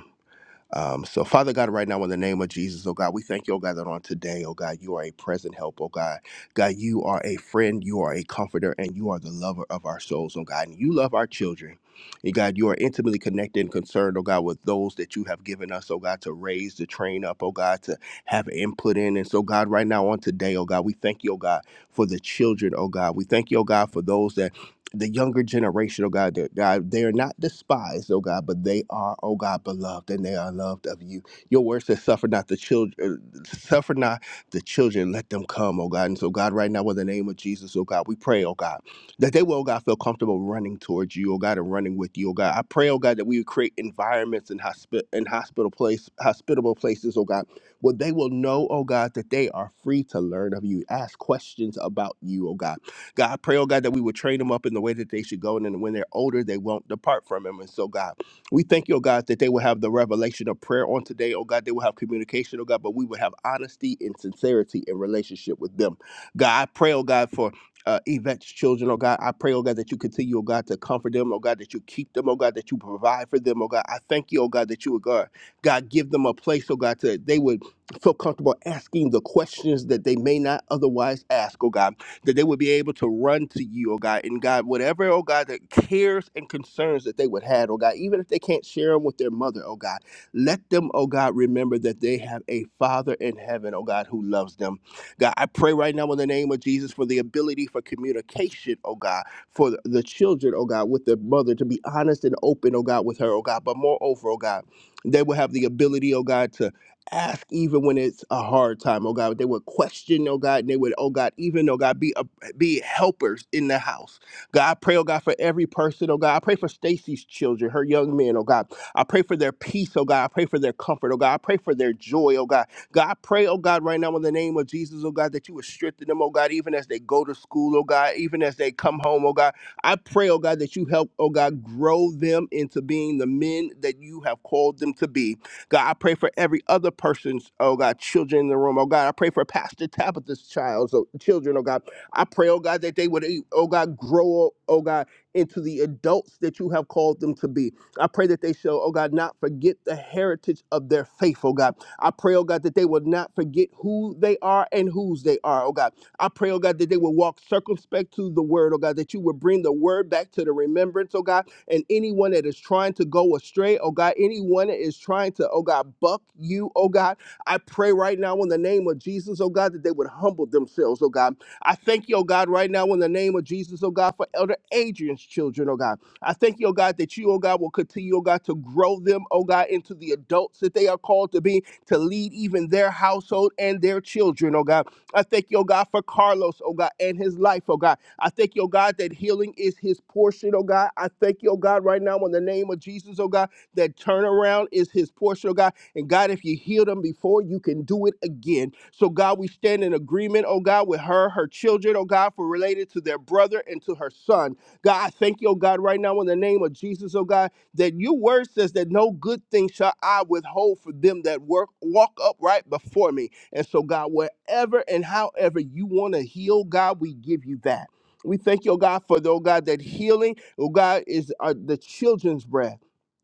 um, so, Father God, right now, in the name of Jesus, oh God, we thank you, oh God, that on today, oh God, you are a present help, oh God. God, you are a friend, you are a comforter, and you are the lover of our souls, oh God. And you love our children. And God, you are intimately connected and concerned, oh God, with those that you have given us, oh God, to raise, to train up, oh God, to have input in. And so, God, right now, on today, oh God, we thank you, oh God, for the children, oh God. We thank you, oh God, for those that the younger generation, oh God, that God, they are not despised, oh God, but they are, oh God, beloved, and they are loved of you. Your word says, "Suffer not the children, uh, suffer not the children, let them come, oh God." And so, God, right now, in the name of Jesus, oh God, we pray, oh God, that they will, oh God, feel comfortable running towards you, oh God, and running with you, oh God. I pray, oh God, that we would create environments and hospi- and hospital place, hospitable places, oh God, where they will know, oh God, that they are free to learn of you, ask questions about you, oh God God, I pray, oh God, that we would train them up in the way that they should go. And then when they're older, they won't depart from him. And so, God, we thank you, oh God, that they will have the revelation of prayer on today. Oh God, they will have communication, oh God, but we will have honesty and sincerity in relationship with them. God, I pray, oh God, for uh, Yvette's children, oh God. I pray, oh God, that you continue, oh God, to comfort them, oh God, that you keep them, oh God, that you provide for them, oh God. I thank you, oh God, that you, would God, God, give them a place, oh God, to they would feel comfortable asking the questions that they may not otherwise ask, oh God that they would be able to run to you, oh God. And God, whatever, oh God, that cares and concerns that they would have, oh God, even if they can't share them with their mother, oh God, let them, oh God, remember that they have a Father in heaven, oh God, who loves them. God, I pray right now in the name of Jesus for the ability for communication, oh God, for the the children, oh God, with their mother to be honest and open, oh God, with her, oh God. But moreover, oh God, they will have the ability, oh God, to ask even when it's a hard time, oh God. They would question, oh God, and they would, oh God, even, oh God, be a, be helpers in the house. God, I pray, oh God, for every person, oh God. I pray for Stacy's children, her young men, oh God. I pray for their peace, oh God. I pray for their comfort, oh God. I pray for their joy, oh God. God, I pray, oh God, right now in the name of Jesus, oh God, that you would strengthen them, oh God, even as they go to school, oh God, even as they come home, oh God. I pray, oh God, that you help, oh God, grow them into being the men that you have called them to be. God, I pray for every other person's, oh God, children in the room. Oh God, I pray for Pastor Tabitha's child's so children, oh God. I pray, oh God, that they would, eh, oh God, grow, oh God, into the adults that you have called them to be. I pray that they shall, oh God, not forget the heritage of their faith, oh God. I pray, oh God, that they will not forget who they are and whose they are, oh God. I pray, oh God, that they will walk circumspect to the word, oh God, that you will bring the word back to the remembrance, oh God and anyone that is trying to go astray, oh God, anyone that is trying to, oh God, buck you, oh God, I pray right now in the name of Jesus, oh God, that they would humble themselves, oh God. I thank you, oh God, right now in the name of Jesus, oh God, for Elder Adrian's children, oh God. I thank you, oh God, that you, oh God, will continue, oh God, to grow them, oh God, into the adults that they are called to be, to lead even their household and their children, oh God. I thank you, oh God, for Carlos, oh God, and his life, oh God. I thank you, oh God, that healing is his portion, oh God. I thank you, oh God, right now in the name of Jesus, oh God, that turnaround is his portion, oh God. And God, if you healed him before, you can do it again. So, God, we stand in agreement, oh God, with her, her children, oh God, for related to their brother and to her son. God, I thank you, oh God, right now in the name of Jesus, oh God, that your word says that no good thing shall I withhold for them that work walk upright before me. And so, God, wherever and however you want to heal, God, we give you that. We thank you, oh God, for, oh God, that healing, oh God, is uh, the children's bread.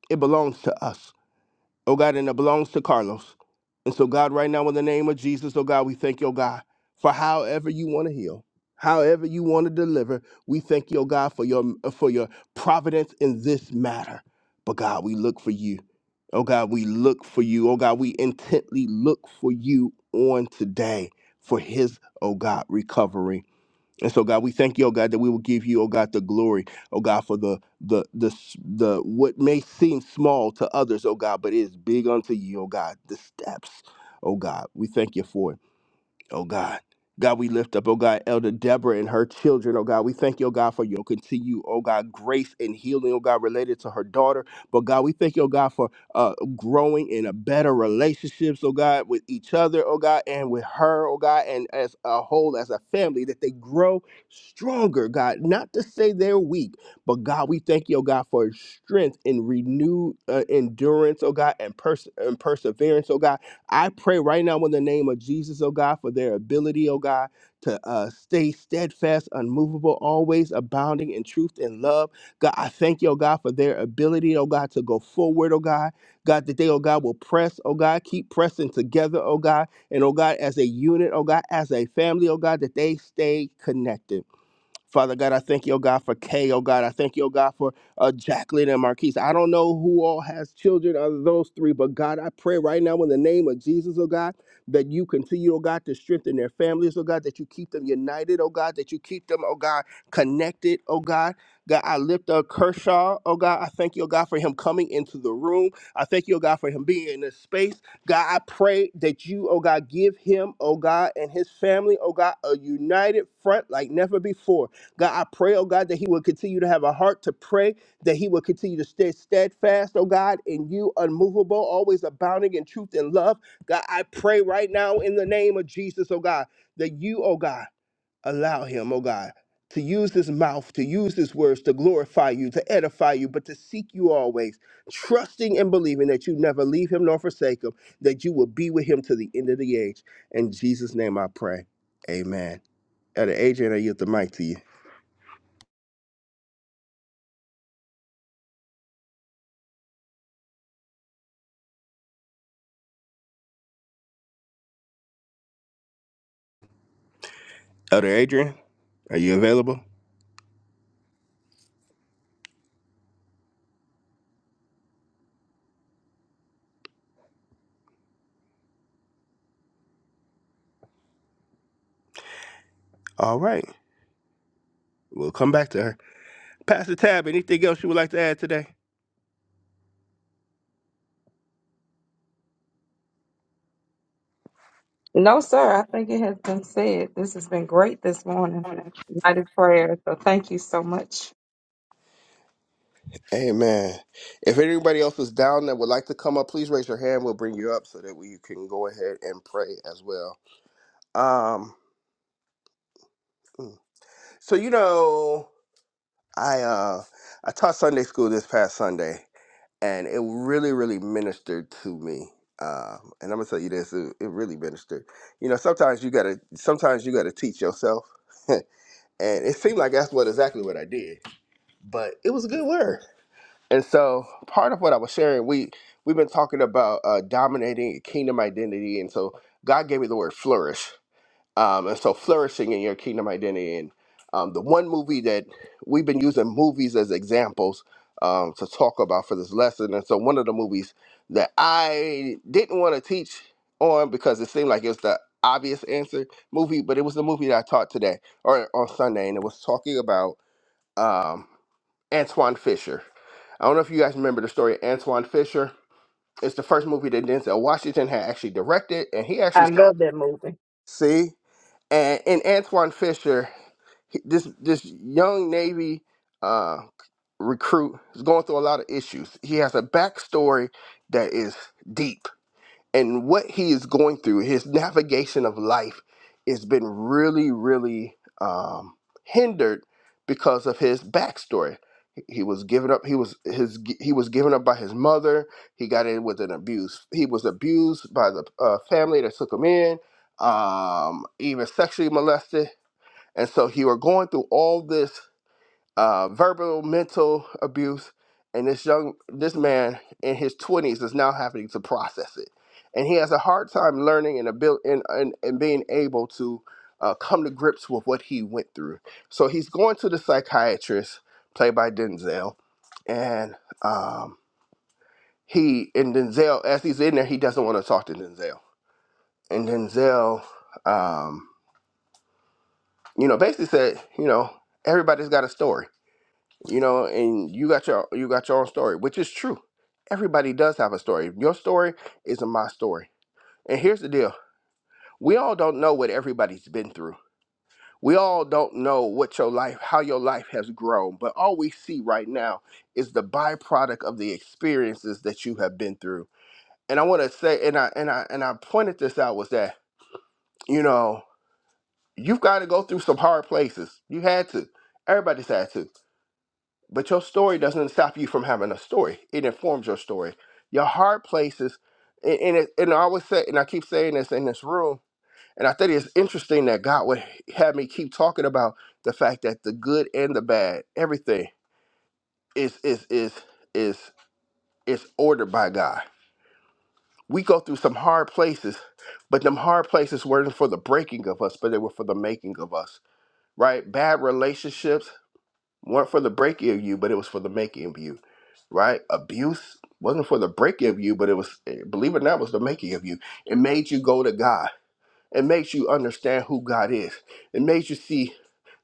It belongs to us, oh God, and it belongs to Carlos. And so, God, right now, in the name of Jesus, oh God, we thank you, oh God, for however you want to heal, however you want to deliver. We thank you, oh God, for your for your providence in this matter. But God, we look for you. Oh God, we look for you. Oh God, we intently look for you on today for his, oh God, recovery and so, God, we thank you, oh God, that we will give you, oh God, the glory, oh God, for the the the s- the what may seem small to others, oh God, but it is big unto you, oh God. The steps, oh God, we thank you for it oh God. God, we lift up, oh God, Elder Deborah and her children, oh God. We thank you, oh God, for your continued. oh God, grace and healing, oh God, related to her daughter. But God, we thank you, oh God, for uh, growing in a better relationships, oh God, with each other, oh God, and with her, oh God, and as a whole, as a family, that they grow stronger, God. Not to say they're weak, but God, we thank you, oh God, for strength and renewed uh, endurance, oh God, and, pers- and perseverance, oh God. I pray right now in the name of Jesus, oh God, for their ability, oh God, to uh, stay steadfast, unmovable, always abounding in truth and love. God, I thank you, oh God, for their ability, oh God, to go forward, oh God. God, that they, oh God, will press, oh God, keep pressing together, oh God, and oh God, as a unit, oh God, as a family, oh God, that they stay connected. Father God, I thank you, oh God, for Kay, oh God. I thank you, oh God, for uh, Jacqueline and Marquise. I don't know who all has children other than those three, but God, I pray right now in the name of Jesus, oh God, that you continue, oh God, to strengthen their families, oh God, that you keep them united, oh God, that you keep them, oh God, connected, oh God. God, I lift up Kershaw, oh God. I thank you, oh God, for him coming into the room. I thank you, oh God, for him being in this space. God, I pray that you, oh God, give him, oh God, and his family, oh God, a united front like never before. God, I pray, oh God, that he will continue to have a heart to pray, that he will continue to stay steadfast, oh God, in you, unmovable, always abounding in truth and love. God, I pray right now in the name of Jesus, oh God, that you, oh God, allow him, oh God, to use his mouth, to use his words, to glorify you, to edify you, but to seek you always, trusting and believing that you never leave him nor forsake him, that you will be with him to the end of the age. In Jesus' name I pray. Amen. Elder Adrian, I yield the mic to you. Elder Adrian, are you available? All right. We'll come back to her. Pastor Tab, anything else you would like to add today? No, sir, I think it has been said. This has been great this morning. Mighty prayer. So thank you so much. Amen. If anybody else is down that would like to come up, please raise your hand. We'll bring you up so that we can go ahead and pray as well. Um, mm. so you know, I uh, I taught Sunday school this past Sunday, and it really, really ministered to me. Um, and I'm gonna tell you this: it, it really ministered. You know, sometimes you gotta, sometimes you gotta teach yourself. and it seemed like that's what exactly what I did. But it was a good word. And so part of what I was sharing, we we've been talking about uh, dominating kingdom identity, and so God gave me the word flourish um, and so flourishing in your kingdom identity. And um, the one movie that we've been using movies as examples um, to talk about for this lesson, and so one of the movies that I didn't want to teach on because it seemed like it was the obvious answer movie, but it was the movie that I taught today or on Sunday, and it was talking about um, Antoine Fisher. I don't know if you guys remember the story of Antoine Fisher. It's the first movie that Denzel Washington had actually directed, and he actually I love started. that movie. See? and in Antoine Fisher, he- this this young Navy uh, recruit is going through a lot of issues. He has a backstory that is deep, and what he is going through, his navigation of life, has been really, really um, hindered because of his backstory. He was given up. He was his. He was given up by his mother. He got in with an abuse. He was abused by the uh, family that took him in. Um, even sexually molested and so he were going through all this uh, verbal, mental abuse, and this young, this man in his twenties is now having to process it, and he has a hard time learning and abil- and, and, and being able to uh, come to grips with what he went through. So he's going to the psychiatrist, played by Denzel, and um, he and Denzel, as he's in there, he doesn't want to talk to Denzel, and Denzel, um, you know, basically said, you know, everybody's got a story you know and you got your you got your own story which is true everybody does have a story your story isn't my story and here's the deal we all don't know what everybody's been through we all don't know what your life how your life has grown but all we see right now is the byproduct of the experiences that you have been through and i want to say and i and i and i pointed this out was that you know you've got to go through some hard places you had to everybody's had to But your story doesn't stop you from having a story. It informs your story. Your hard places, and and, it, and I always say, and I keep saying this in this room, and I think it's interesting that God would have me keep talking about the fact that the good and the bad, everything is is is is is ordered by God. We go through some hard places, but them hard places weren't for the breaking of us, but they were for the making of us. Right? Bad relationships, weren't for the breaking of you, but it was for the making of you, right? Abuse wasn't for the breaking of you, but it was, eh, believe it or not, it was the making of you. It made you go to God. It makes you understand who God is. It makes you see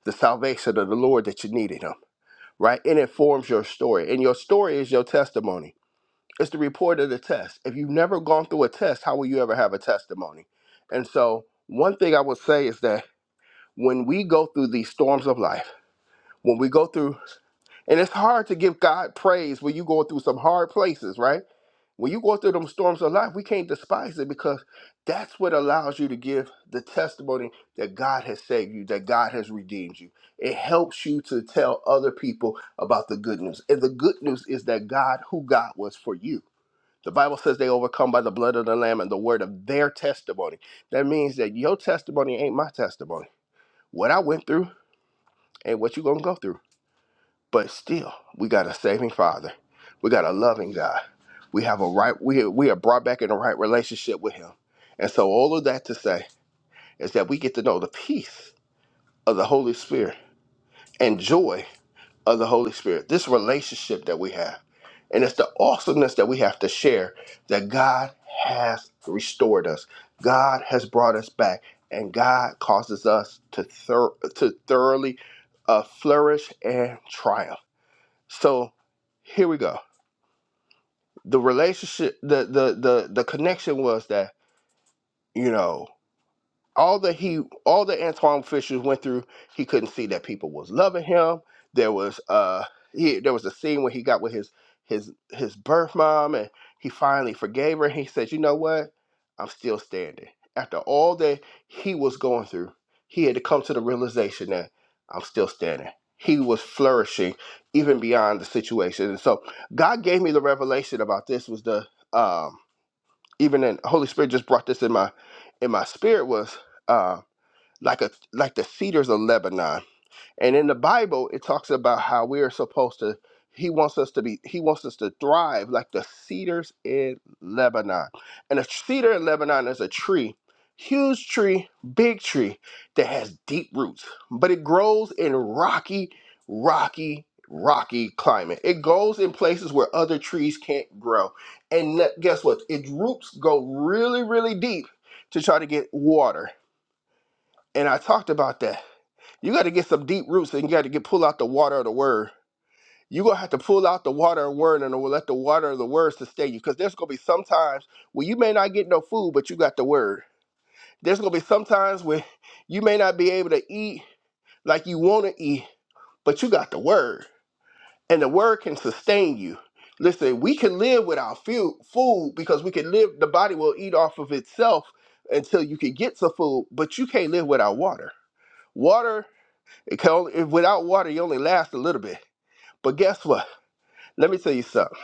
the salvation of the Lord that you needed Him, right? It informs your story, and your story is your testimony. It's the report of the test. If you've never gone through a test, how will you ever have a testimony? And so, one thing I would say is that when we go through these storms of life, when we go through and it's hard to give God praise when you go through some hard places, right? When you go through them storms of life, we can't despise it because that's what allows you to give the testimony that God has saved you, that God has redeemed you. It helps you to tell other people about the good news. And the good news is that God, who God was for you. The Bible says they overcome by the blood of the Lamb and the word of their testimony. That means that your testimony ain't my testimony. What I went through ain't what you're going to go through but still, we got a saving Father. We got a loving God. We have a right. We we are brought back in the right relationship with Him. And so, all of that to say is that we get to know the peace of the Holy Spirit and joy of the Holy Spirit. This relationship that we have, and it's the awesomeness that we have to share that God has restored us. God has brought us back, and God causes us to thor- to thoroughly uh, flourish and triumph. So here we go. The relationship, the the the the connection was that you know all that he all that Antoine Fisher went through, he couldn't see that people was loving him. There was uh he there was a scene where he got with his his his birth mom and he finally forgave her he said, You know what? I'm still standing. After all that he was going through, he had to come to the realization that I'm still standing. He was flourishing even beyond the situation. And so God gave me the revelation about this was the um even in Holy Spirit just brought this in my in my spirit was uh like a like the cedars of Lebanon. And in the Bible, it talks about how we are supposed to, he wants us to be, he wants us to thrive like the cedars in Lebanon. And a cedar in Lebanon is a tree, huge tree, big tree that has deep roots, but it grows in rocky, rocky, rocky climate. It goes in places where other trees can't grow. And that- guess what? Its roots go really, really deep to try to get water. And I talked about that you got to get some deep roots and you got to get pull out the water of the word. You're going to have to pull out the water of word and let the water of the word sustain you because there's going to be some times where you may not get no food, but you got the word. There's going to be some times where you may not be able to eat like you want to eat, but you got the word and the word can sustain you. Listen, we can live without fu- food because we can live, the body will eat off of itself until you can get some food, but you can't live without water. Water. It can only, if without water, you only last a little bit. But guess what? Let me tell you something.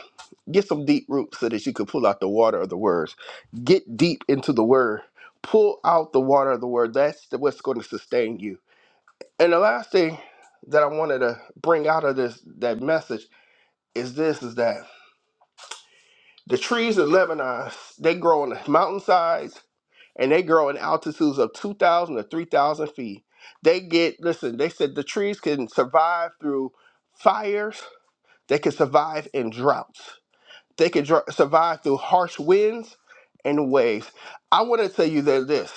Get some deep roots so that you can pull out the water of the words. Get deep into the word. Pull out the water of the word. That's the, what's going to sustain you. And the last thing that I wanted to bring out of this that message is this: is that the trees in Lebanon they grow on the mountainsides and they grow in altitudes of two thousand to three thousand feet. They get listen. They said the trees can survive through fire, They can survive in droughts. They can dr- survive through harsh winds and waves. I want to tell you that this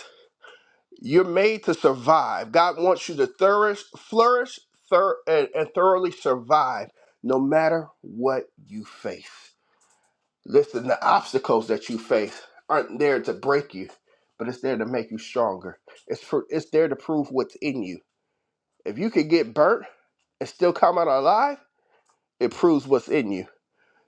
you're made to survive. God wants you to flourish, flourish, thor- and, and thoroughly survive no matter what you face. Listen, the obstacles that you face aren't there to break you, but it's there to make you stronger. It's for, it's there to prove what's in you. If you can get burnt and still come out alive, it proves what's in you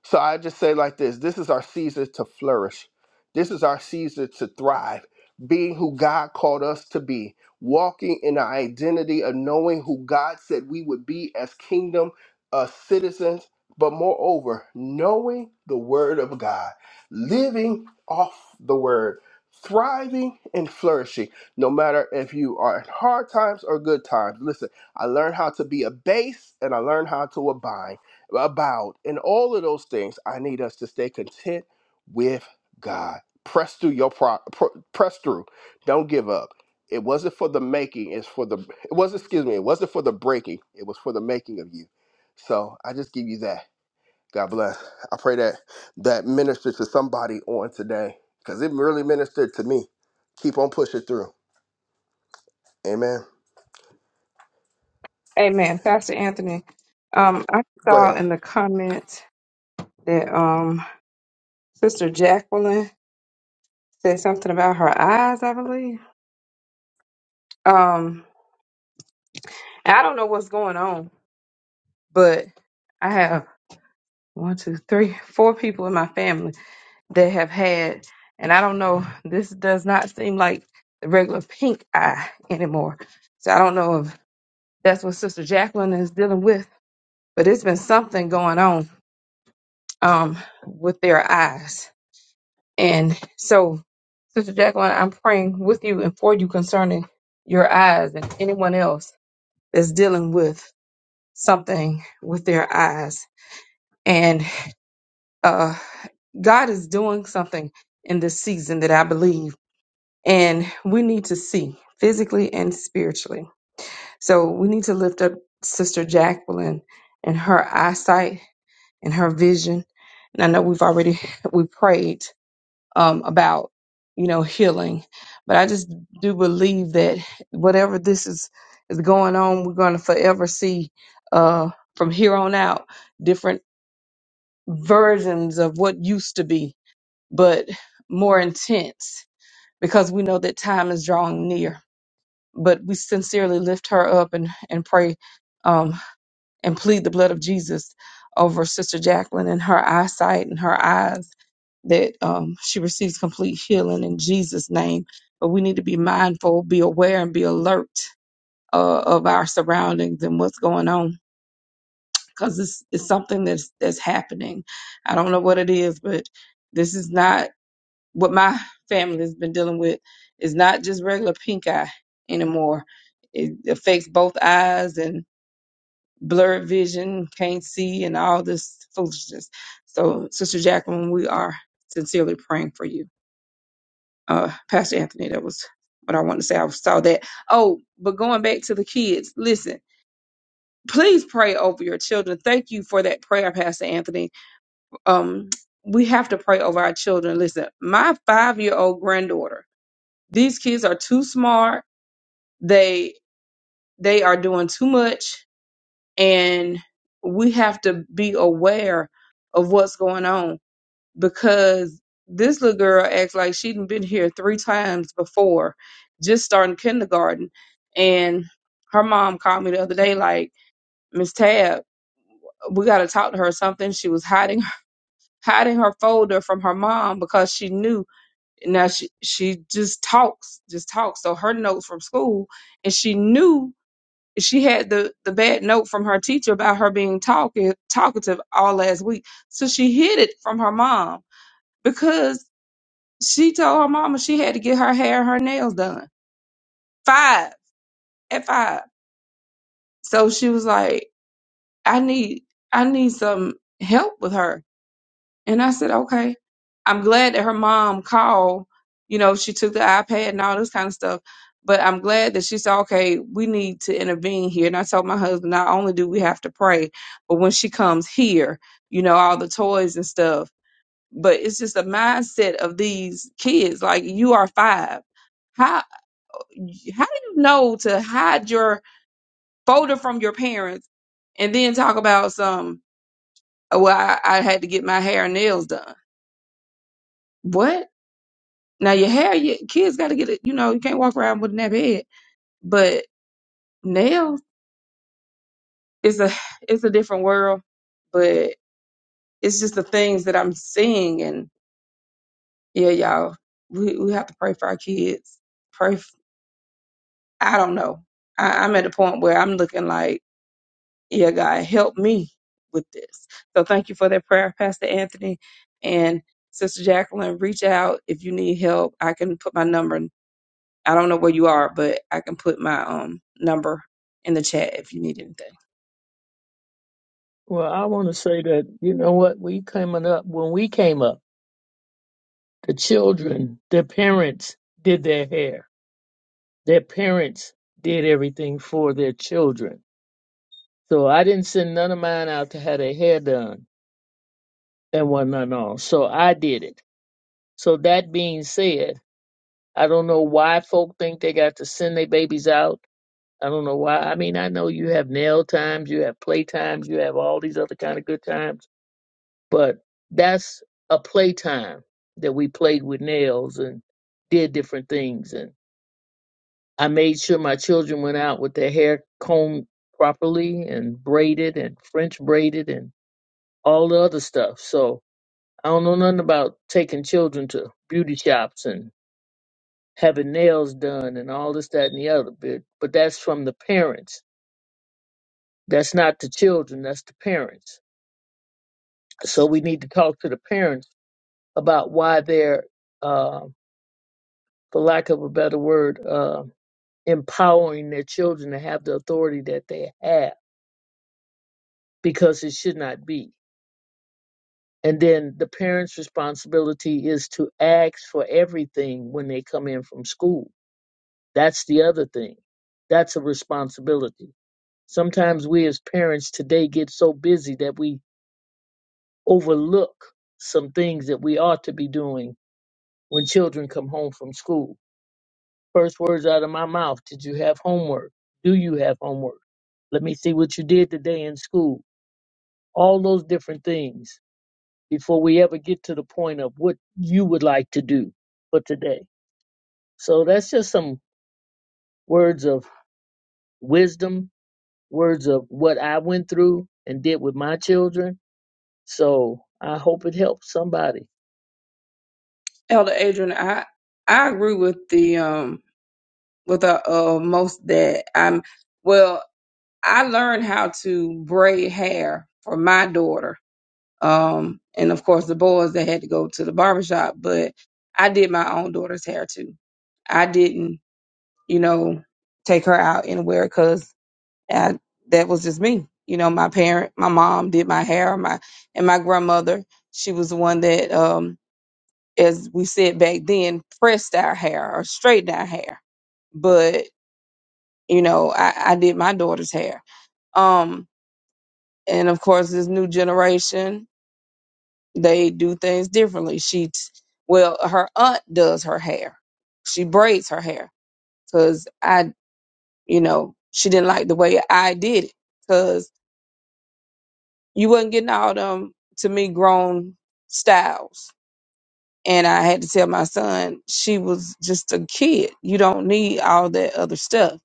So I just say like this this is our season to flourish. This is our season to thrive, being who God called us to be, walking in our identity of knowing who God said we would be as kingdom uh, citizens, but moreover, knowing the word of God, living off the word, thriving and flourishing, no matter if you are in hard times or good times. Listen, I learned how to be a base and I learned how to abide about, and all of those things, I need us to stay content with God. Press through your pro- pr- press through. Don't give up. It wasn't for the making. It's for the. It wasn't. Excuse me. It wasn't for the breaking. It was for the making of you. So I just give you that. God bless. I pray that that ministered to somebody on today because it really ministered to me. Keep on pushing through. Amen. Amen. Pastor Anthony, um, I Go saw ahead. in the comments that um Sister Jacqueline said something about her eyes, I believe. Um, and I don't know what's going on, but I have one, two, three, four people in my family that have had, and I don't know, this does not seem like the regular pink eye anymore. So I don't know if that's what Sister Jacqueline is dealing with, but it's been something going on um, with their eyes. And so, Sister Jacqueline, I'm praying with you and for you concerning your eyes and anyone else that's dealing with something with their eyes. And uh, God is doing something in this season that I believe. and we need to see physically and spiritually. So we need to lift up Sister Jacqueline and her eyesight and her vision. And I know we've already we prayed um, about you know healing, but I just do believe that whatever this is is going on, we're going to forever see uh, from here on out different versions of what used to be, but more intense because we know that time is drawing near but we sincerely lift her up and and pray um, and plead the blood of Jesus over Sister Jacqueline and her eyesight and her eyes that um, she receives complete healing in Jesus' name. But we need to be mindful, be aware, and be alert uh, of our surroundings and what's going on because it's, it's something that's that's happening. I don't know what it is, but this is not what my family has been dealing with is not just regular pink eye anymore. It affects both eyes and blurred vision, can't see, and all this foolishness. So, Sister Jacqueline, we are sincerely praying for you. Uh, Pastor Anthony, that was what I wanted to say. I saw that. Oh, but going back to the kids, listen, please pray over your children. Thank you for that prayer, Pastor Anthony. Um, we have to pray over our children. Listen, my five year old granddaughter These kids are too smart. They they are doing too much and we have to be aware of what's going on because this little girl acts like she'd been here three times before, just starting kindergarten. And her mom called me the other day, like, Miss Tab, we gotta talk to her or something. She was hiding hiding her folder from her mom because she knew now she she just talks just talks so her notes from school and she knew she had the the bad note from her teacher about her being talkative talkative all last week so she hid it from her mom because she told her mama she had to get her hair and her nails done five at five so she was like i need i need some help with her And I said, okay. I'm glad that her mom called. You know, she took the iPad and all this kind of stuff. But I'm glad that she said, okay, we need to intervene here. And I told my husband, not only do we have to pray, but when she comes here, you know, all the toys and stuff. But it's just a mindset of these kids. Like you are five. How how do you know to hide your folder from your parents and then talk about some? "Oh, Well, I, I had to get my hair and nails done. What? Now your hair, your kids got to get it. You know, you can't walk around with a nappy head. But nails is a it's a different world. But it's just the things that I'm seeing, and yeah, y'all, we we have to pray for our kids. Pray. f I don't know. I, I'm at a point where I'm looking like, yeah, God, help me with this. So thank you for that prayer, Pastor Anthony and Sister Jacqueline. Reach out if you need help. I can put my number. I don't know where you are, but I can put my um number in the chat if you need anything. Well, I want to say that you know what we coming up when we came up, the children, their parents did their hair. Their parents did everything for their children. So I didn't send none of mine out to have their hair done and whatnot and all. So I did it. So that being said, I don't know why folk think they got to send their babies out. I don't know why. I mean, I know you have nail times, you have play times, you have all these other kind of good times but that's a playtime that we played with nails and did different things and i made sure my children went out with their hair combed properly and braided and french braided and all the other stuff so i don't know nothing about taking children to beauty shops and having nails done and all this that and the other bit but that's from the parents that's not the children that's the parents so we need to talk to the parents about why they're Um, for lack of a better word, uh, empowering their children to have the authority that they have because it should not be. And then the parents' responsibility is to ask for everything when they come in from school. That's the other thing. That's a responsibility. Sometimes we as parents today get so busy that we overlook some things that we ought to be doing when children come home from school First words out of my mouth. Did you have homework? Do you have homework? Let me see what you did today in school. All those different things before we ever get to the point of what you would like to do for today. So that's just some words of wisdom, words of what I went through and did with my children. So I hope it helps somebody. Elder Adrian, I I agree with the um with the uh most that I'm well, I learned how to braid hair for my daughter. Um and of course the boys that had to go to the barbershop, but I did my own daughter's hair too. I didn't you know, take her out anywhere because that was just me. You know, my parent, my mom did my hair, my and my grandmother. She was the one that, um, as we said back then, pressed our hair or straightened our hair. But you know, I, I did my daughter's hair. Um, and of course, this new generation, they do things differently. She, t- well, her aunt does her hair. She braids her hair because I you know, she didn't like the way I did it because you wasn't getting all them to me grown styles. And I had to tell my son she was just a kid. You don't need all that other stuff.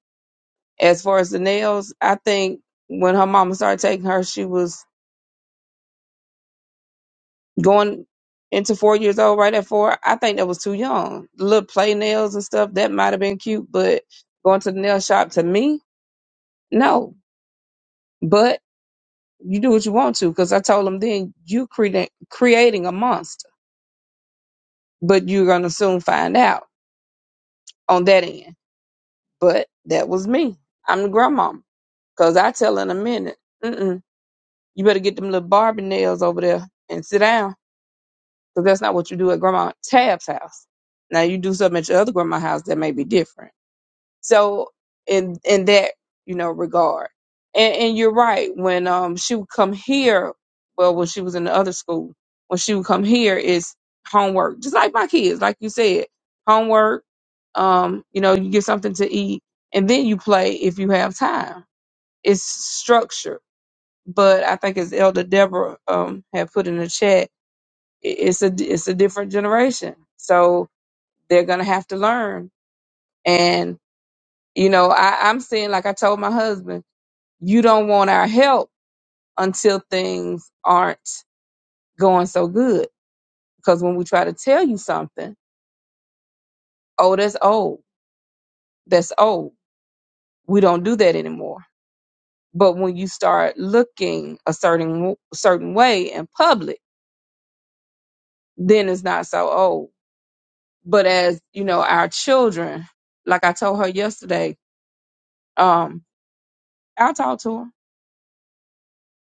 As far as the nails, I think when her mama started taking her, she was going into four years old, right at four. I think that was too young. Little play nails and stuff, that might have been cute, but going to the nail shop to me, no. But You do what you want to, because I told him then you creating creating a monster, but you're gonna soon find out on that end. But that was me. I'm the grandmama. Cause I tell in a minute, mm-mm, you better get them little Barbie nails over there and sit down. Cause that's not what you do at Grandma Tab's house. Now you do something at your other grandma's house that may be different. So in in that you know regard, and and you're right. When um she would come here, well, when she was in the other school, when she would come here, it's homework, just like my kids, like you said, homework. Um, you know, you get something to eat, and then you play if you have time. It's structured, but I think as Elder Deborah um had put in the chat, i- it's a it's a different generation, so they're gonna have to learn, you know, I, I'm saying, like I told my husband, you don't want our help until things aren't going so good. Because when we try to tell you something, oh, that's old, that's old. We don't do that anymore. But when you start looking a certain certain way in public, then it's not so old. But as you know, our children, like I told her yesterday, um, I talk to 'em.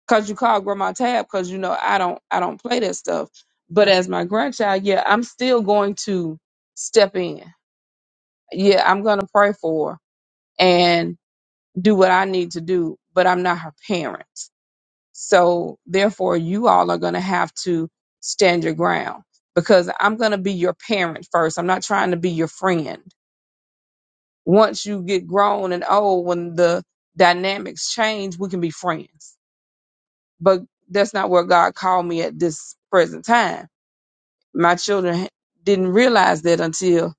Cause you call grandma tab, cause you know I don't I don't play that stuff. But as my grandchild, yeah, I'm still going to step in. Yeah, I'm gonna pray for her and do what I need to do, but I'm not her parent. So therefore you all are gonna have to stand your ground because I'm gonna be your parent first. I'm not trying to be your friend. Once you get grown and old, when the dynamics change, we can be friends but that's not where God called me at this present time. My children didn't realize that until,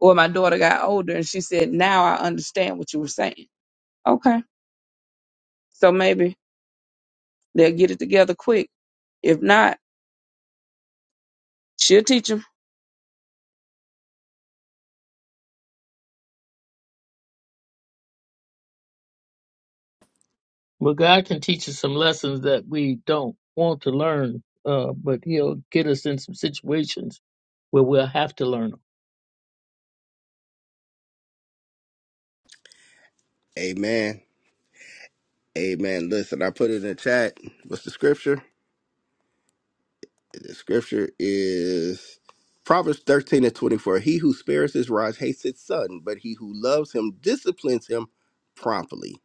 well, my daughter got older and she said, now I understand what you were saying. Okay. So maybe they'll get it together quick. If not, she'll teach them. Well, God can teach us some lessons that we don't want to learn, uh, but He'll get us in some situations where we'll have to learn 'em. Amen. Amen. Listen, I put it in the chat. What's the scripture? The scripture is Proverbs 13 and 24. He who spares his rod hates his son, but he who loves him disciplines him promptly.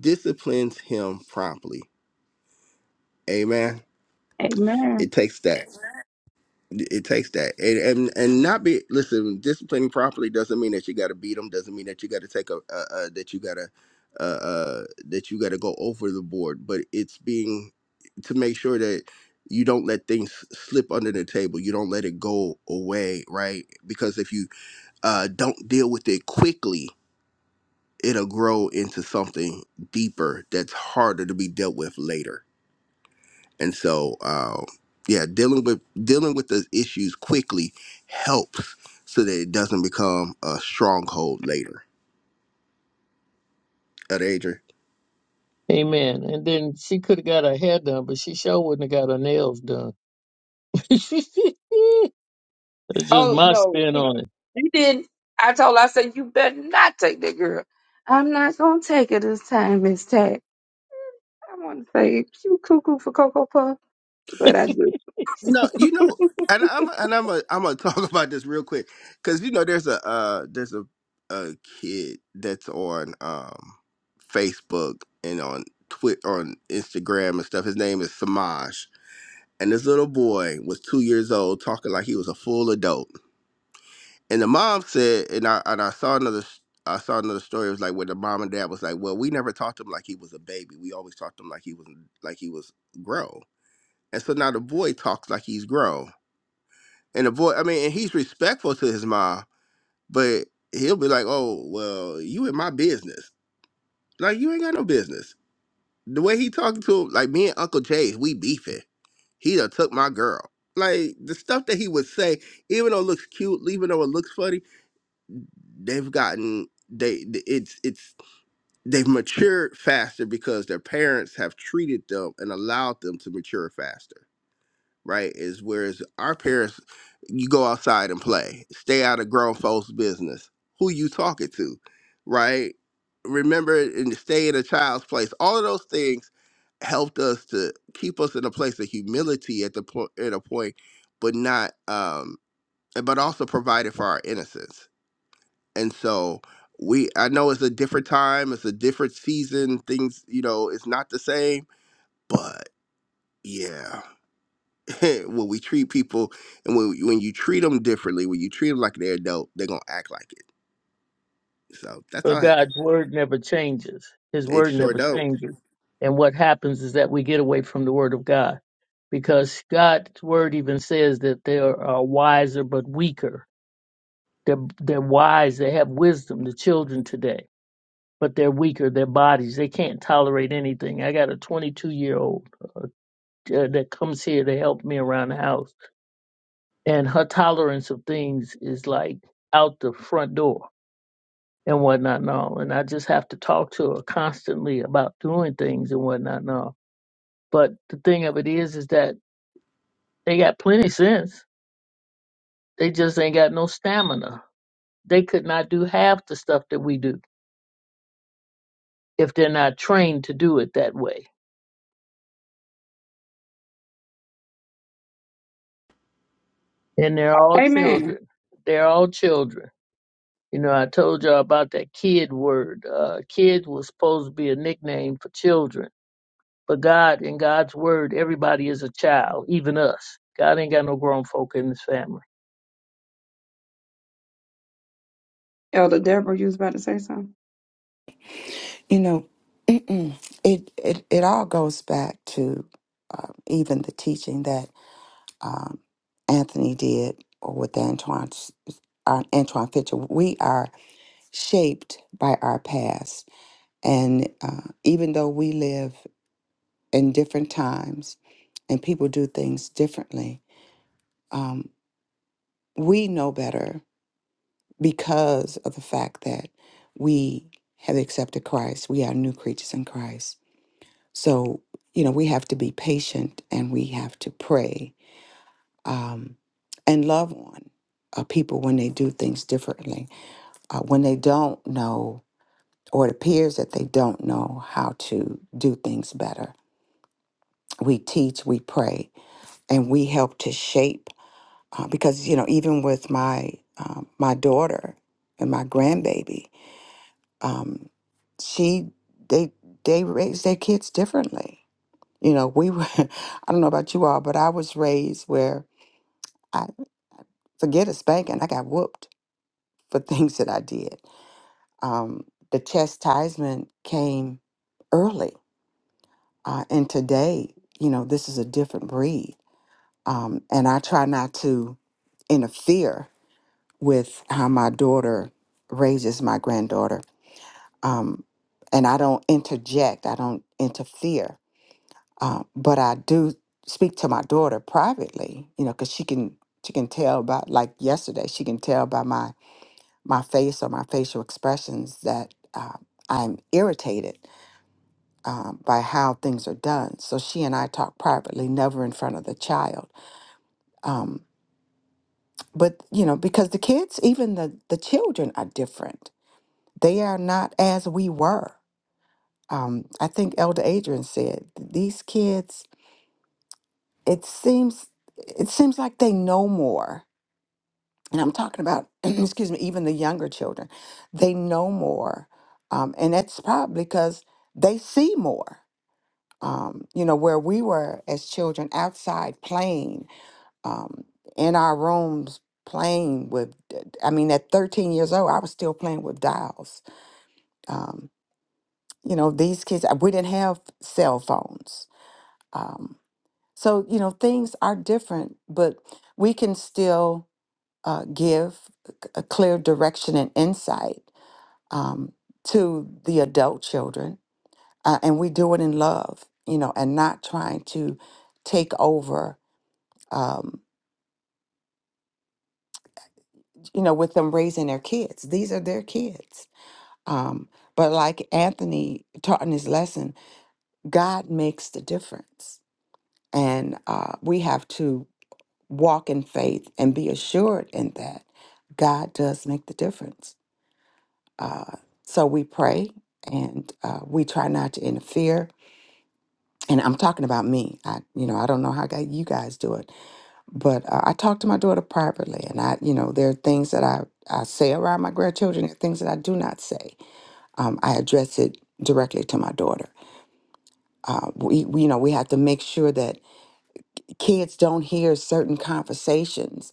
Disciplines him promptly. Amen. Amen. It takes that. It takes that, and and, and not be listen. Disciplining properly doesn't mean that you got to beat them. Doesn't mean that you got to take a uh, uh, that you got to uh, uh, that you got to go over the board. But it's being to make sure that you don't let things slip under the table. You don't let it go away, right? Because if you uh, don't deal with it quickly, it'll grow into something deeper that's harder to be dealt with later. And so, um, yeah, dealing with dealing with those issues quickly helps so that it doesn't become a stronghold later. At Adrian, Amen. And then she could have got her hair done, but she sure wouldn't have got her nails done. That's just Oh, my no, spin she, on she didn't. I told her, I said, you better not take that girl. I'm not going to take her this time, Miss Tack. I want to say, you cuckoo for Cocoa Puff, but I it. do. no, you know, and I'm and I'm a, I'm gonna talk about this real quick because you know there's a uh, there's a a kid that's on um, Facebook and on Twitter on Instagram and stuff. His name is Samaj, and this little boy was two years old talking like he was a full adult and the mom said, and I and I saw another s- I saw another story. It was like where the mom and dad was like, well, we never talked to him like he was a baby. We always talked to him like he was like he was grown. And so now the boy talks like he's grown, and the boy, I mean, and he's respectful to his mom, but he'll be like, oh, well, you in my business. Like you ain't got no business. The way he talking to him, like me and Uncle Jay, we beefing. He done took my girl. Like the stuff that he would say, even though it looks cute, even though it looks funny, they've gotten they th- it's it's they've matured faster because their parents have treated them and allowed them to mature faster right is whereas our parents you go outside and play stay out of grown folks business who you talking to right remember and stay in a child's place all of those things helped us to keep us in a place of humility at the point at a point but not um but also provided for our innocence and so we i know it's a different time it's a different season things you know it's not the same but yeah when we treat people and when, when you treat them differently when you treat them like they're adult they're gonna act like it so that's all But I have to- God's word never changes. His say. it word sure never don't changes. And what happens is that we get away from the word of God because God's word even says that they are uh, wiser but weaker. They're, they're wise, they have wisdom, the children today, but they're weaker, their bodies, they can't tolerate anything. I got a 22 year old uh, that comes here to help me around the house. And her tolerance of things is like out the front door and whatnot and all. And I just have to talk to her constantly about doing things and whatnot and all. But the thing of it is, is that they got plenty of sense. They just ain't got no stamina. They could not do half the stuff that we do if they're not trained to do it that way. And they're all Amen. children. They're all children You know, I told y'all about that kid word. Uh, kid was supposed to be a nickname for children. But God, in God's word, everybody is a child, even us. God ain't got no grown folk in his family. Elder Deborah, you was about to say something? You know, it, it it all goes back to um even the teaching that um, Anthony did, or with Antoine uh, Antoine Fitcher. We are shaped by our past, and uh, even though we live in different times and people do things differently, um, we know better because of the fact that we have accepted Christ. We are new creatures in Christ So, you know, we have to be patient and we have to pray um, and love on uh, people when they do things differently, uh, when they don't know or it appears that they don't know how to do things better. We teach, we pray, and we help to shape uh, because, you know, even with my um, my daughter and my grandbaby, um, she they they raise their kids differently You know, we were, I don't know about you all, but I was raised where I forget a spanking, I got whooped for things that I did. Um, the chastisement came early. Uh, and today, you know, this is a different breed. Um, and I try not to interfere with how my daughter raises my granddaughter. Um, and I don't interject, I don't interfere Um, but I do speak to my daughter privately, you know, because she can she can tell by like yesterday she can tell by my my face or my facial expressions that uh, I'm irritated um, by how things are done. So she and I talk privately, never in front of the child. Um, but you know, because the kids, even the the children, are different. They are not as we were. Um, I think Elder Adrian said these kids. It seems it seems like they know more and I'm talking about, excuse me, even the younger children, they know more. Um, and that's probably because they see more. Um, you know, where we were as children outside playing, um, in our rooms playing with, I mean, at 13 years old, I was still playing with dials. Um, you know, these kids, uh, we didn't have cell phones. Um, so, you know, things are different, but we can still uh, give a clear direction and insight um, to the adult children. Uh, and we do it in love, you know, and not trying to take over, um, you know, with them raising their kids. These are their kids. Um, but like Anthony taught in his lesson, God makes the difference. And uh, we have to walk in faith and be assured in that God does make the difference Uh, so we pray and uh, we try not to interfere. And I'm talking about me. I, you know, I don't know how gu- you guys do it, but uh, I talk to my daughter privately, and I, you know, there are things that I I say around my grandchildren, and things that I do not say. Um, I address it directly to my daughter. Uh, we, we, you know, we have to make sure that kids don't hear certain conversations.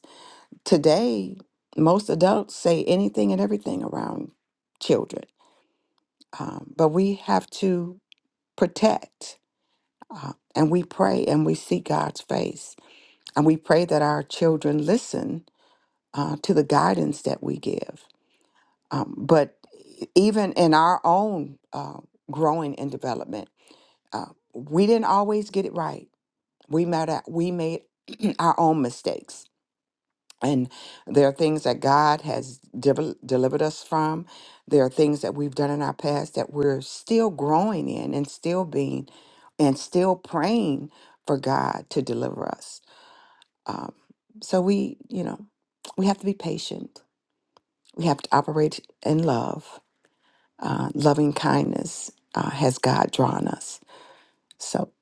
Today, most adults say anything and everything around children, um, but we have to protect. Uh, and we pray and we seek God's face. And we pray that our children listen uh, to the guidance that we give. Um, but even in our own uh, growing and development, uh, we didn't always get it right. We made, our- we made our own mistakes And there are things that God has devel- delivered us from. There are things that we've done in our past that we're still growing in and still being and still praying for God to deliver us. Um, so we, you know, we have to be patient. We have to operate in love, uh, loving kindness uh, has God drawn us. So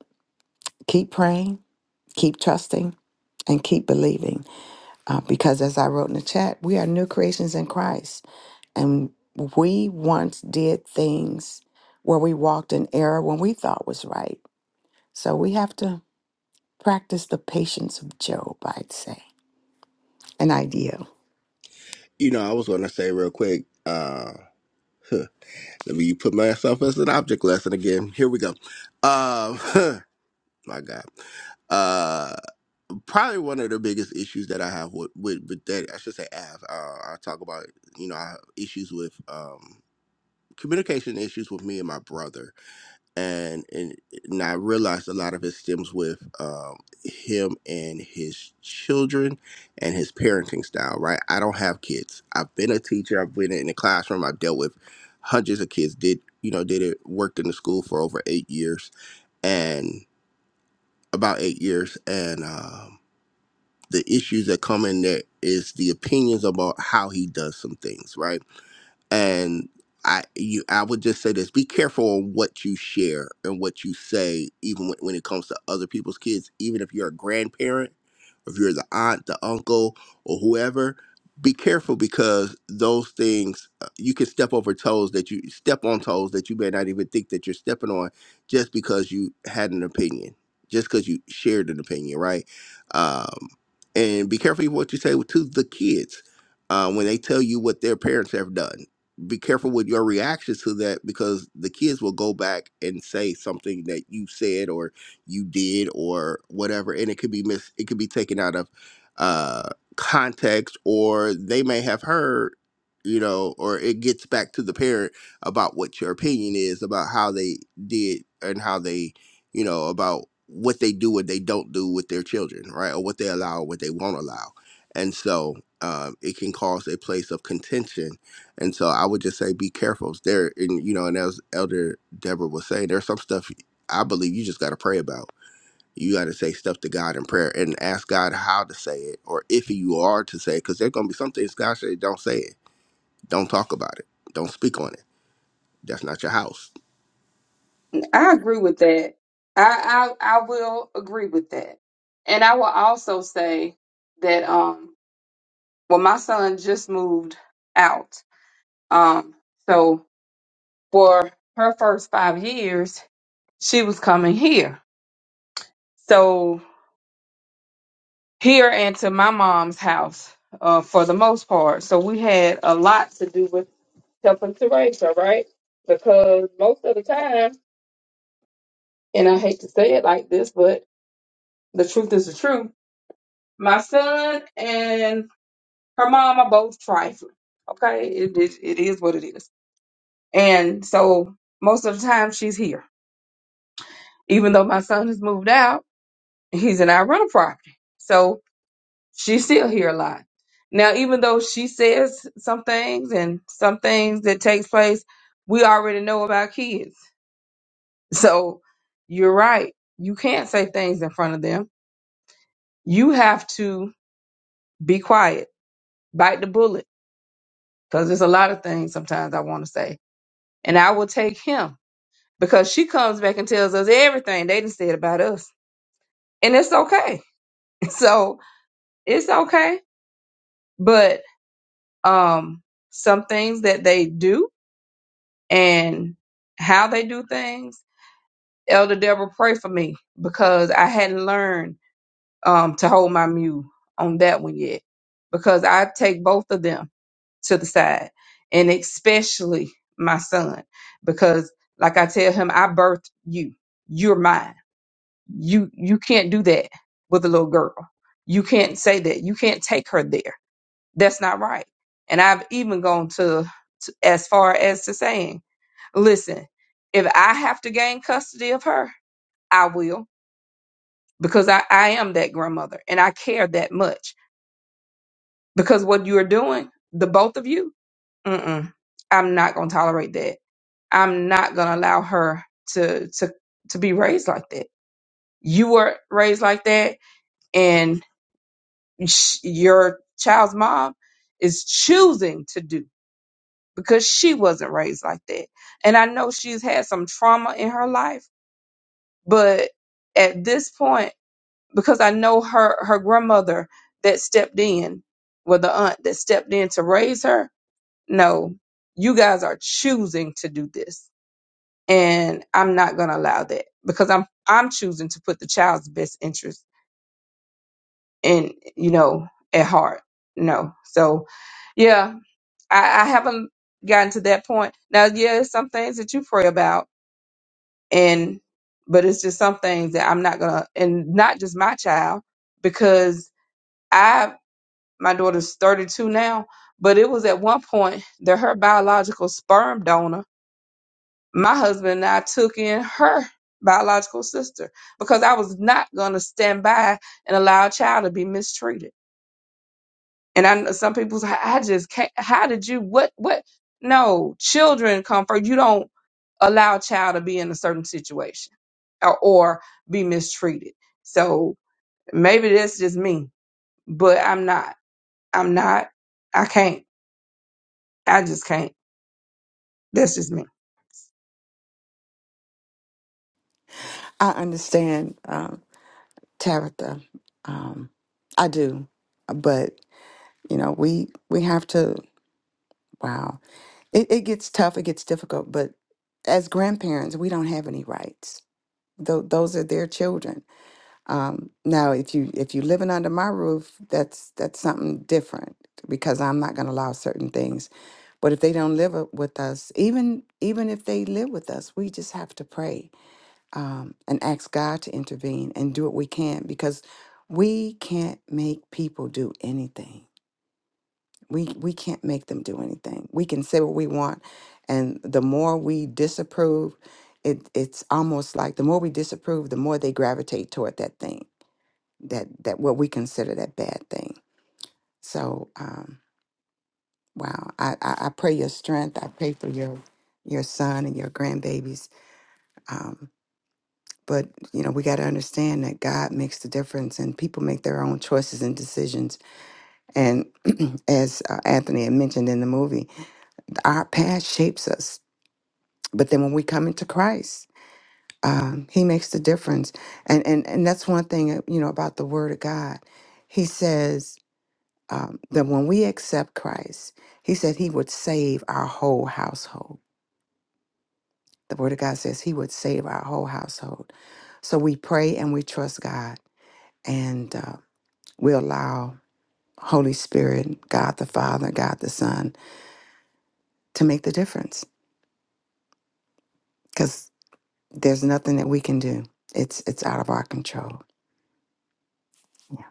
keep praying, keep trusting, and keep believing. Uh, because as I wrote in the chat, we are new creations in Christ. And we once did things where we walked in error when we thought was right. So we have to practice the patience of Job, I'd say, an ideal. you know i was gonna say real quick uh let me put myself as an object lesson again here we go uh my god Uh, probably one of the biggest issues that I have with with, with that I should say have. Uh, I talk about you know I have issues with um, communication issues with me and my brother, and and, and I realized a lot of it stems with um, him and his children and his parenting style. Right, I don't have kids. I've been a teacher. I've been in the classroom. I've dealt with hundreds of kids. Did you know? Did it worked in the school for over eight years and about eight years and. um the issues that come in there is the opinions about how he does some things, right? and I you I would just say this: be careful on what you share and what you say, even when, when it comes to other people's kids. Even if you're a grandparent, if you're the aunt, the uncle, or whoever, be careful because those things uh, you can step over toes that you step on toes that you may not even think that you're stepping on, just because you had an opinion, just because you shared an opinion, right? Um, and be careful what you say to the kids uh, when they tell you what their parents have done be careful with your reactions to that because the kids will go back and say something that you said or you did or whatever and it could be mis it could be taken out of uh context or they may have heard you know or it gets back to the parent about what your opinion is about how they did and how they you know about what they do and they don't do with their children right or what they allow what they won't allow and so um, it can cause a place of contention and so I would just say be careful. There and you know, and as Elder Deborah was saying, there's some stuff I believe you just gotta pray about. You gotta say stuff to God in prayer and ask God how to say it or if you are to say it, because there's gonna be some things God said, don't say it. Don't talk about it. Don't speak on it. That's not your house. I agree with that. I, I I will agree with that. And I will also say that um well my son just moved out. Um so for her first five years, she was coming here. So here and to my mom's house, uh, for the most part. So we had a lot to do with helping to raise her, right? Because most of the time, and I hate to say it like this, but the truth is the truth My son and her mom are both trifling. Okay, it, it, it is what it is. And so most of the time she's here. Even though my son has moved out, he's in our rental property. So she's still here a lot. Now, even though she says some things and some things that takes place, we already know about kids. So you're right. You can't say things in front of them. You have to be quiet, bite the bullet, because there's a lot of things sometimes I want to say and I will take him because she comes back and tells us everything they done said about us. And it's okay. So it's okay. But um some things that they do and how they do things, Elder Deborah pray for me because I hadn't learned um to hold my mule on that one yet. Because I take both of them to the side and especially my son because like I tell him, I birthed you. You're mine you you can't do that with a little girl you can't say that you can't take her there that's not right and i've even gone to, to as far as to saying listen if i have to gain custody of her i will because i, I am that grandmother and i care that much because what you are doing the both of you mm-mm, i'm not going to tolerate that i'm not going to allow her to to to be raised like that you were raised like that and sh- your child's mom is choosing to do because she wasn't raised like that. And I know she's had some trauma in her life, but at this point, because I know her, her grandmother that stepped in, well, the aunt that stepped in to raise her, no, you guys are choosing to do this. And I'm not going to allow that because I'm, I'm choosing to put the child's best interest in, you know, at heart. No. So, yeah, I, I haven't gotten to that point. Now, yeah, there's some things that you pray about, and but it's just some things that I'm not gonna, and not just my child, because I my daughter's 32 now, but it was at one point that her biological sperm donor, my husband and I took in her biological sister because I was not gonna stand by and allow a child to be mistreated. And I know some people's I just can't how did you what what no, children come first. You don't allow a child to be in a certain situation or, or be mistreated. So maybe that's just me, but I'm not. I'm not. I can't. I just can't. That's just me. I understand, um, Tabitha. Um, I do. But, you know, we, we have to, wow. It, it gets tough, it gets difficult. But as grandparents, we don't have any rights. Tho- those are their children Um, now, if you if you living under my roof, that's that's something different because I'm not going to allow certain things. But if they don't live up with us, even even if they live with us, we just have to pray um, and ask God to intervene and do what we can because we can't make people do anything. We we can't make them do anything. We can say what we want, and the more we disapprove, it it's almost like the more we disapprove, the more they gravitate toward that thing that that what we consider that bad thing. So um, wow, I, I I pray your strength. I pray for your your son and your grandbabies. Um, but you know we got to understand that God makes the difference, and people make their own choices and decisions. And as uh, Anthony had mentioned in the movie, our past shapes us. But then when we come into Christ, um, He makes the difference. And and and that's one thing uh, you know about the Word of God. He says um, that when we accept Christ, He said He would save our whole household. The Word of God says He would save our whole household. So we pray and we trust God, and uh, we allow Holy Spirit, God the Father, God the Son, to make the difference. Because there's nothing that we can do; it's it's out of our control. Yeah.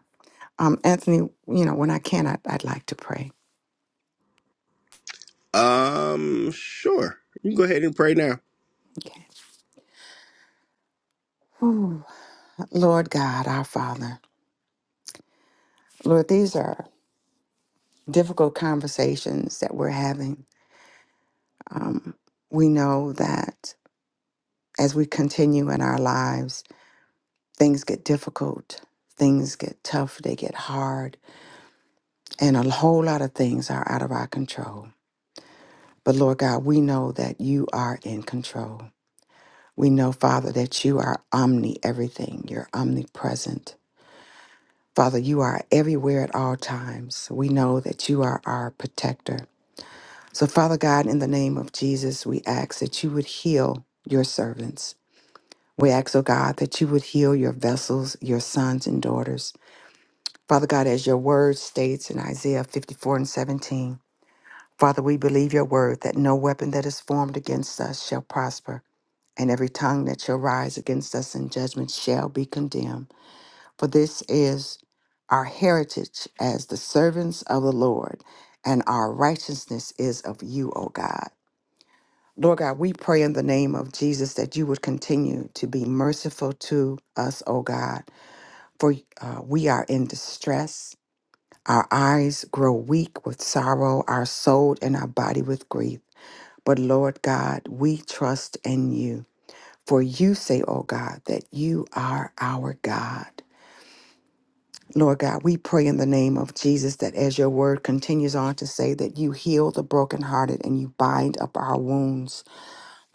Um, Anthony, you know, when I can, I, I'd like to pray. Um sure. You can go ahead and pray now. Okay. Ooh, Lord God, our Father, Lord, these are difficult conversations that we're having. Um, we know that as we continue in our lives, things get difficult, things get tough, they get hard, and a whole lot of things are out of our control. But Lord God, we know that you are in control. We know, Father, that you are omni everything, you're omnipresent. Father, you are everywhere at all times. We know that you are our protector. So, Father God, in the name of Jesus, we ask that you would heal your servants. We ask, oh God, that you would heal your vessels, your sons and daughters. Father God, as your word states in Isaiah 54 and 17, Father, we believe your word that no weapon that is formed against us shall prosper, and every tongue that shall rise against us in judgment shall be condemned. For this is our heritage as the servants of the Lord, and our righteousness is of you, O God. Lord God, we pray in the name of Jesus that you would continue to be merciful to us, O God, for uh, we are in distress. Our eyes grow weak with sorrow, our soul and our body with grief. But Lord God, we trust in you. For you say, O God, that you are our God. Lord God, we pray in the name of Jesus that as your word continues on to say that you heal the brokenhearted and you bind up our wounds.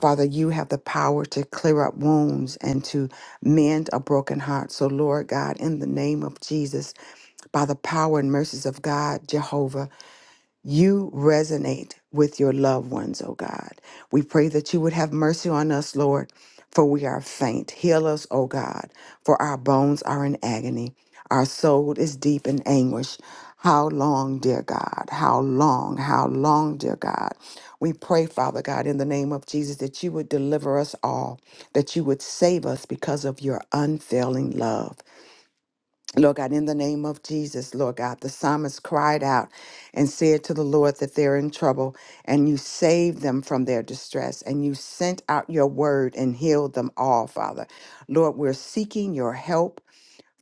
Father, you have the power to clear up wounds and to mend a broken heart. So, Lord God, in the name of Jesus, by the power and mercies of God, Jehovah you resonate with your loved ones, oh God. We pray that you would have mercy on us, Lord, for we are faint. Heal us, O God, for our bones are in agony. Our soul is deep in anguish. How long, dear God? How long? How long, dear God? We pray, Father God, in the name of Jesus, that you would deliver us all, that you would save us because of your unfailing love. Lord God, in the name of Jesus, Lord God, the psalmist cried out and said to the Lord that they're in trouble, and you saved them from their distress, and you sent out your word and healed them all, Father. Lord, we're seeking your help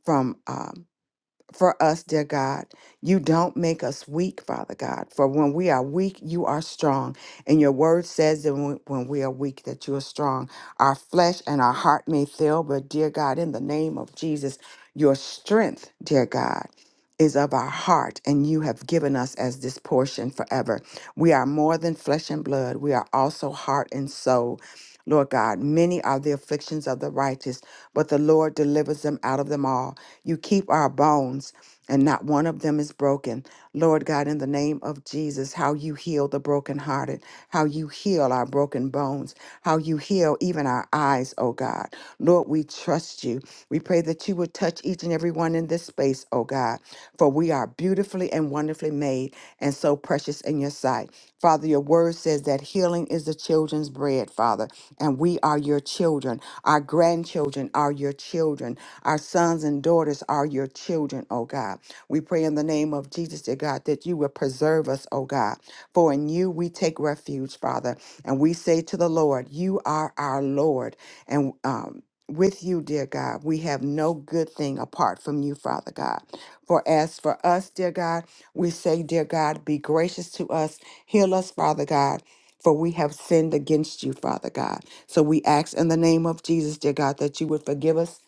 from. um, for us, dear God. You don't make us weak, Father God. For when we are weak, you are strong. And your word says that when when we are weak, that you are strong. Our flesh and our heart may fail, but dear God, in the name of Jesus, your strength, dear God, is of our heart, and you have given us as this portion forever. We are more than flesh and blood. We are also heart and soul. Lord God, many are the afflictions of the righteous, but the Lord delivers them out of them all. You keep our bones, and not one of them is broken. Lord God, in the name of Jesus, how you heal the brokenhearted, how you heal our broken bones, how you heal even our eyes, oh God. Lord, we trust you. We pray that you would touch each and every one in this space, oh God, for we are beautifully and wonderfully made and so precious in your sight. Father, your word says that healing is the children's bread, Father and we are your children. Our grandchildren are your children. Our sons and daughters are your children, oh God. We pray in the name of Jesus, dear God, that you will preserve us, oh God. For in you we take refuge, Father. And we say to the Lord, You are our Lord. And um, with you, dear God, we have no good thing apart from you, Father God. For as for us, dear God, we say, Dear God, be gracious to us. Heal us, Father God for we have sinned against you, Father God. So we ask in the name of Jesus, dear God, that you would forgive us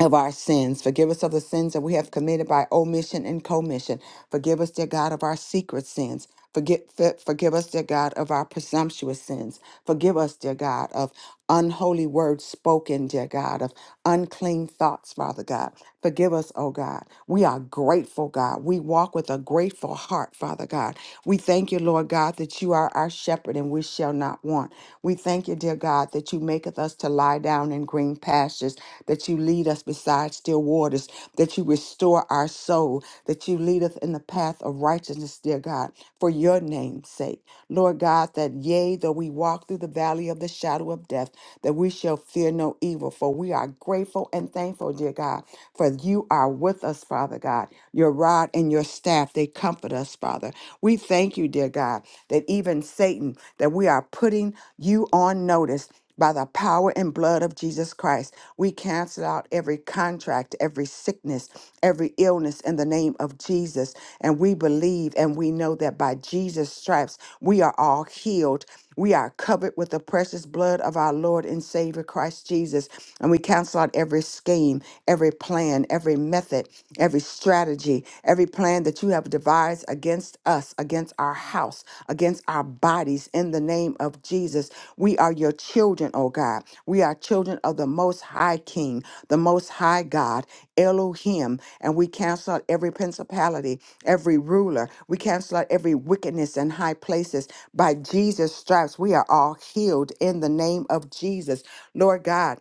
of our sins. Forgive us of the sins that we have committed by omission and commission. Forgive us, dear God, of our secret sins. Forget, for- forgive us, dear God, of our presumptuous sins. Forgive us, dear God, of unholy words spoken, dear God, of unclean thoughts, Father God. Forgive us, oh God. We are grateful, God. We walk with a grateful heart, Father God. We thank you, Lord God, that you are our shepherd and we shall not want. We thank you, dear God, that you maketh us to lie down in green pastures, that you lead us beside still waters, that you restore our soul, that you leadeth in the path of righteousness, dear God, for your name's sake. Lord God, that yea, though we walk through the valley of the shadow of death, that we we shall fear no evil. For we are grateful and thankful, dear God, for you are with us, Father God. Your rod and your staff, they comfort us, Father. We thank you, dear God, that even Satan, that we are putting you on notice. By the power and blood of Jesus Christ, we cancel out every contract, every sickness, every illness in the name of Jesus. And we believe and we know that by Jesus' stripes, we are all healed. We are covered covered with the precious blood of our Lord and Savior Christ Jesus. And we cancel out every scheme, every plan, every method, every strategy, every plan that you have devised against us, against our house, against our bodies in the name of Jesus. We are your children, oh God. We are children of the Most High King, the Most High God, Elohim. And we cancel out every principality, every ruler. We cancel out every wickedness in high places by Jesus' stripes, we are all healed in the name of Jesus. Lord God,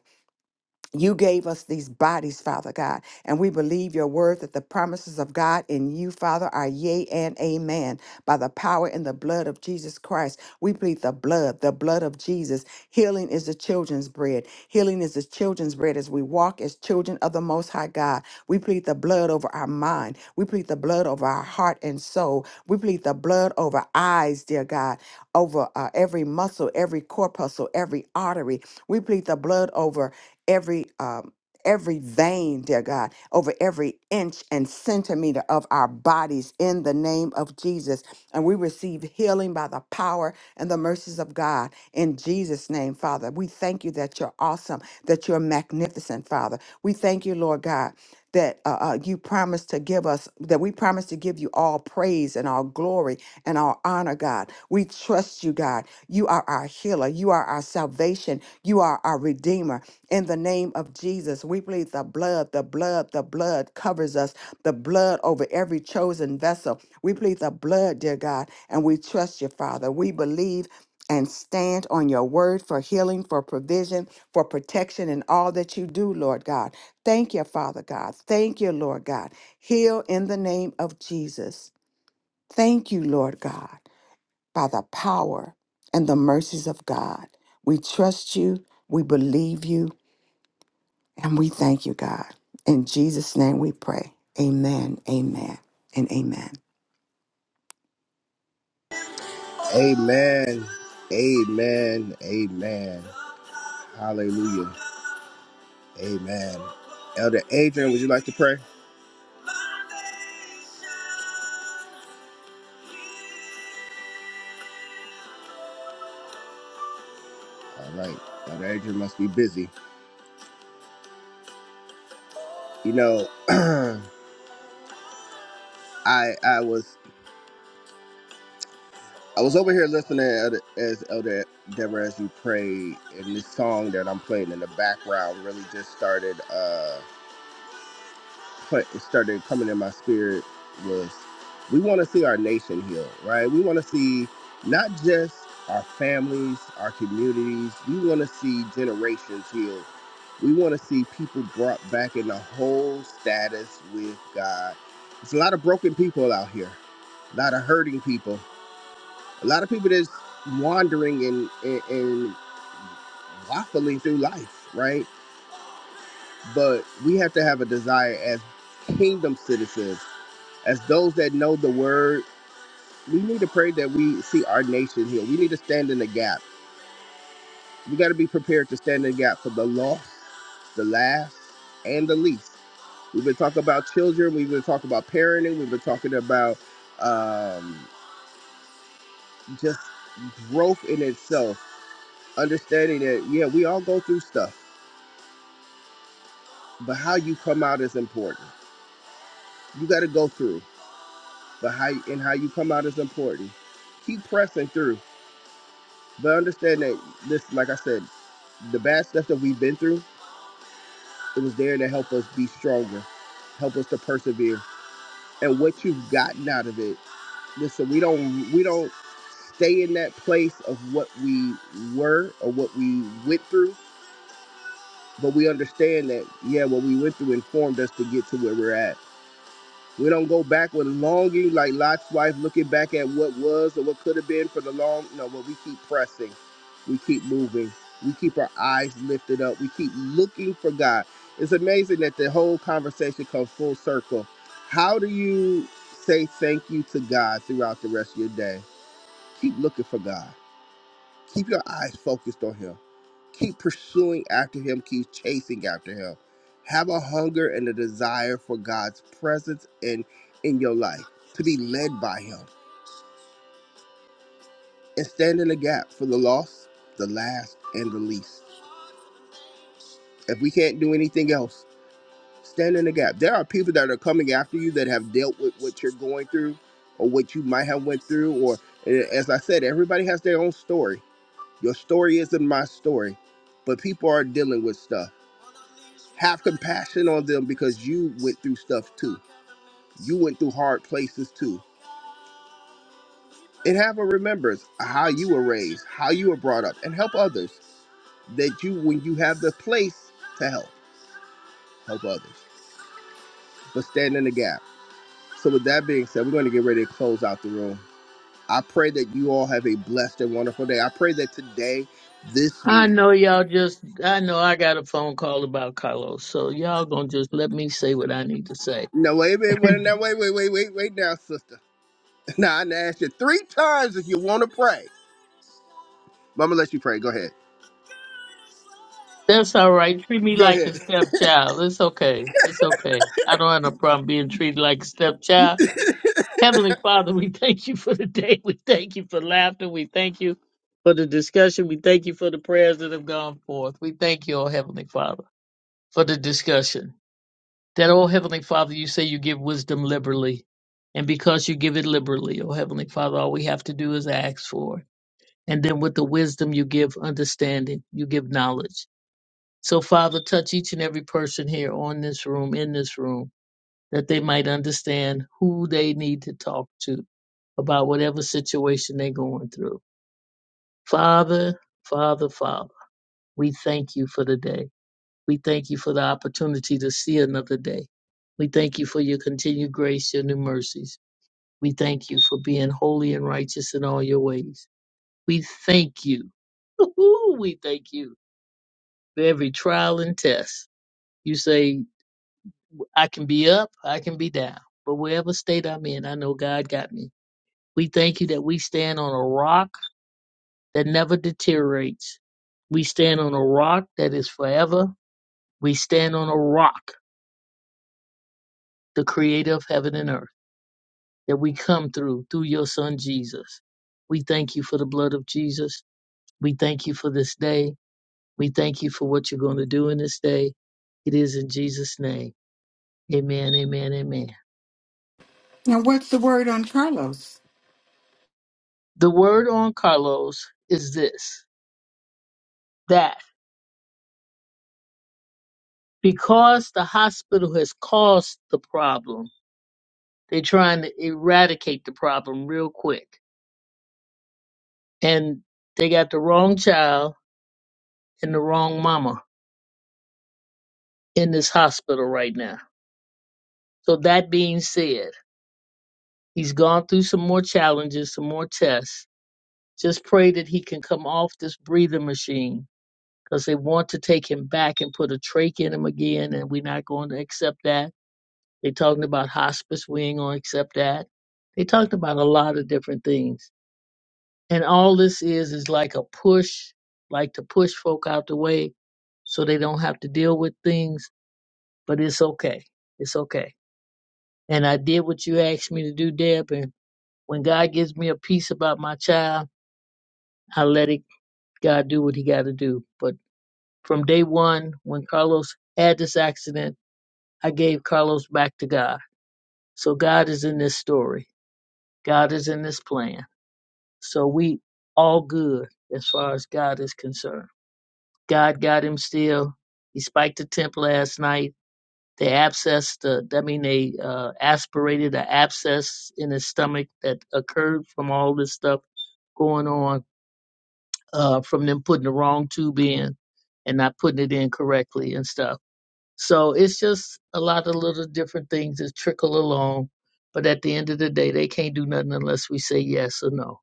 you gave us these bodies, Father God, and we believe your word that the promises of God in you, Father, are yea and amen by the power and the blood of Jesus Christ. We plead the blood, the blood of Jesus. Healing is the children's bread. Healing is the children's bread as we walk as children of the Most High God. We plead the blood over our mind. We plead the blood over our heart and soul. We plead the blood over eyes, dear God, over uh, every muscle, every corpuscle, every artery. We plead the blood over every. Um, every vein, dear God, over every inch and centimeter of our bodies in the name of Jesus. And we receive healing by the power and the mercies of God in Jesus' name, Father. We thank you that you're awesome, that you're magnificent, Father. We thank you, Lord God that uh, uh, you promised to give us, that we promise to give you all praise and all glory and all honor, God. We trust you, God. You are our healer. You are our salvation. You are our redeemer. In the name of Jesus, we plead the blood, the blood, the blood covers us, the blood over every chosen vessel. We plead the blood, dear God, and we trust you, Father. We believe and stand on your word for healing, for provision, for protection in all that you do, Lord God. Thank you, Father God. Thank you, Lord God. Heal in the name of Jesus. Thank you, Lord God, by the power and the mercies of God. We trust you, we believe you, and we thank you, God. In Jesus' name we pray. Amen, amen, and amen. Amen. Amen. Amen. Hallelujah. Amen. Elder Adrian, would you like to pray? All right. Elder Adrian must be busy. You know, I I was I was over here listening Elder- as Elder Deborah as you prayed, and this song that I'm playing in the background really just started. uh, put, started coming in my spirit was we want to see our nation heal, right? We want to see not just our families, our communities, we want to see generations heal. We want to see people brought back in the whole status with God. There's a lot of broken people out here, a lot of hurting people, a lot of people that's wandering and, and, and waffling through life, right? But we have to have a desire as kingdom citizens as those that know the word, we need to pray that we see our nation healed. We need to stand in the gap. We got to be prepared to stand in the gap for the lost, the last, and the least. We've been talking about children. We've been talking about parenting. We've been talking about um, just growth in itself. Understanding that, yeah, we all go through stuff, but how you come out is important. You got to go through, but how and how you come out is important. Keep pressing through. But understand that this, like I said, the bad stuff that we've been through, it was there to help us be stronger, help us to persevere. And what you've gotten out of it, listen, we don't we don't stay in that place of what we were or what we went through, but we understand that yeah, what we went through informed us to get to where we're at. We don't go back with longing like Lot's wife, looking back at what was or what could have been for the long. No, but we keep pressing. We keep moving. We keep our eyes lifted up. We keep looking for God. It's amazing that the whole conversation comes full circle. How do you say thank you to God throughout the rest of your day? Keep looking for God. Keep your eyes focused on Him. Keep pursuing after Him, keep chasing after Him. Have a hunger and a desire for God's presence in, in your life, to be led by Him, and stand in the gap for the lost, the last, and the least. If we can't do anything else, stand in the gap. There are people that are coming after you that have dealt with what you're going through or what you might have went through or eh, as I said, everybody has their own story Your story isn't my story, but people are dealing with stuff. Have compassion on them because you went through stuff too. You went through hard places too. And have a remembrance of how you were raised, how you were brought up, and help others that you, when you have the place to help, help others. But stand in the gap. So, with that being said, we're going to get ready to close out the room. I pray that you all have a blessed and wonderful day. I pray that today, this, I know y'all just, I know I got a phone call about Carlos, so y'all gonna just let me say what I need to say. no, wait, wait, wait, now, wait, wait, wait, wait, wait now, sister. Now, I done asked you three times if you want to pray, but I'm going to let you pray. Go ahead. That's all right. Treat me Go like ahead. a stepchild. It's okay. It's okay. I don't have no problem being treated like a stepchild. Heavenly Father, we thank you for the day. We thank you for laughter. We thank you for the discussion. We thank you for the prayers that have gone forth. We thank you, oh Heavenly Father, for the discussion. That, oh Heavenly Father, you say you give wisdom liberally. And because you give it liberally, oh Heavenly Father, all we have to do is ask for it. And then with the wisdom, you give understanding, you give knowledge. So, Father, touch each and every person here on this room, in this room that they might understand who they need to talk to about whatever situation they're going through. Father, Father, Father, we thank you for the day. We thank you for the opportunity to see another day. We thank you for your continued grace, your new mercies. We thank you for being holy and righteous in all your ways. We thank you. Woo-hoo, we thank you for every trial and test. You say, I can be up, I can be down, but wherever state I'm in, I know God got me. We thank you that we stand on a rock that never deteriorates. We stand on a rock that is forever. We stand on a rock, the creator of heaven and earth, that we come through, through your son Jesus. We thank you for the blood of Jesus. We thank you for this day. We thank you for what you're going to do in this day. It is in Jesus' name. Amen, amen, amen. Now, what's the word on Carlos? The word on Carlos is this that because the hospital has caused the problem, They're trying to eradicate the problem real quick. And they got the wrong child and the wrong mama in this hospital right now. So that being said, he's gone through some more challenges, some more tests. Just pray that he can come off this breathing machine because they want to take him back and put a trach in him again, and we're not going to accept that. They're talking about hospice. We ain't going to accept that. They talked about a lot of different things And all this is is like a push, like to push folk out the way so they don't have to deal with things. But it's okay. It's okay. And I did what you asked me to do, Deb. And when God gives me a piece about my child, I let it God do what He got to do. But from day one, when Carlos had this accident, I gave Carlos back to God. So God is in this story. God is in this plan. So we all good as far as God is concerned. God got him still. He spiked a temp last night. They abscessed, the, I mean, they uh, aspirated an abscess in his stomach that occurred from all this stuff going on uh, from them putting the wrong tube in and not putting it in correctly and stuff. So it's just a lot of little different things that trickle along. But at the end of the day, they can't do nothing unless we say yes or no.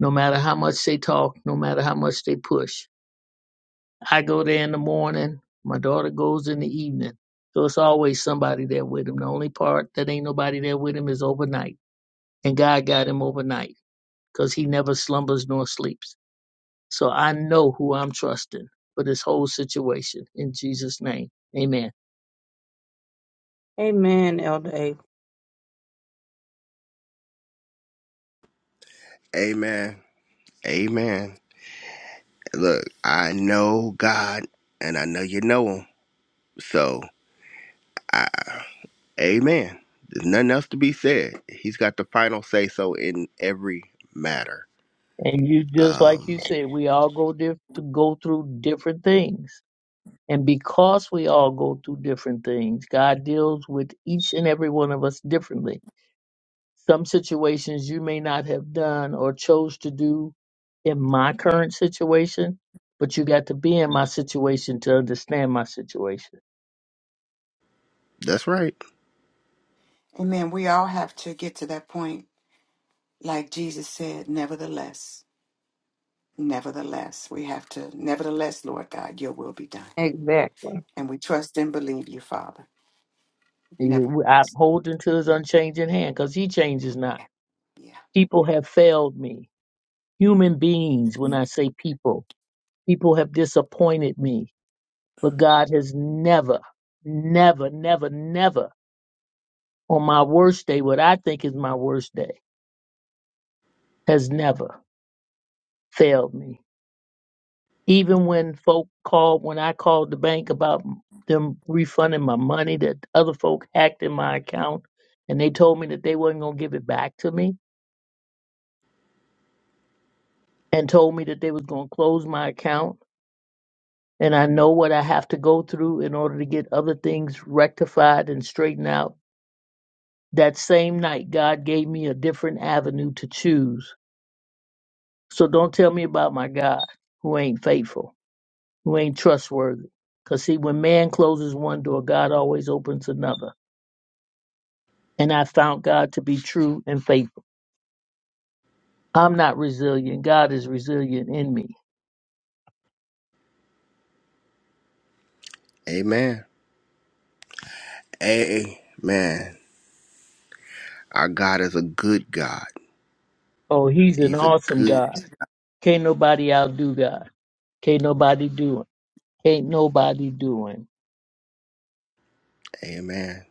No matter how much they talk, no matter how much they push I go there in the morning. My daughter goes in the evening. So it's always somebody there with him. The only part that ain't nobody there with him is overnight. And God got him overnight because he never slumbers nor sleeps. So I know who I'm trusting for this whole situation in Jesus' name. Amen. Amen, Elder. A. Amen. Amen. Look, I know God and I know you know him. So, I, amen. There's nothing else to be said. He's got the final say so in every matter. And you just like Um, you said, we all go diff- to go through different things. And because we all go through different things, God deals with each and every one of us differently Some situations you may not have done or chose to do in my current situation, but you got to be in my situation to understand my situation. that's right. Amen. We all have to get to that point. Like Jesus said, nevertheless, nevertheless, we have to, nevertheless, Lord God, your will be done. Exactly. And we trust and believe you, Father. Never, You- I'm holding to his unchanging hand because he changes not. yeah. People have failed me. Human beings, when I say people, people have disappointed me, but God has never, never, never, never on my worst day, what I think is my worst day, has never failed me. Even when folk called, when I called the bank about them refunding my money that other folk hacked in my account and they told me that they wasn't going to give it back to me and told me that they was going to close my account and I know what I have to go through in order to get other things rectified and straightened out. That same night, God gave me a different avenue to choose. So don't tell me about my God who ain't faithful, who ain't trustworthy. Because see, when man closes one door, God always opens another. and I found God to be true and faithful. I'm not resilient. God is resilient in me. Amen. Amen. Our God is a good God. Oh, he's an He's a awesome good. God. Can't nobody outdo God. Can't nobody do him. Can't nobody do him. Amen.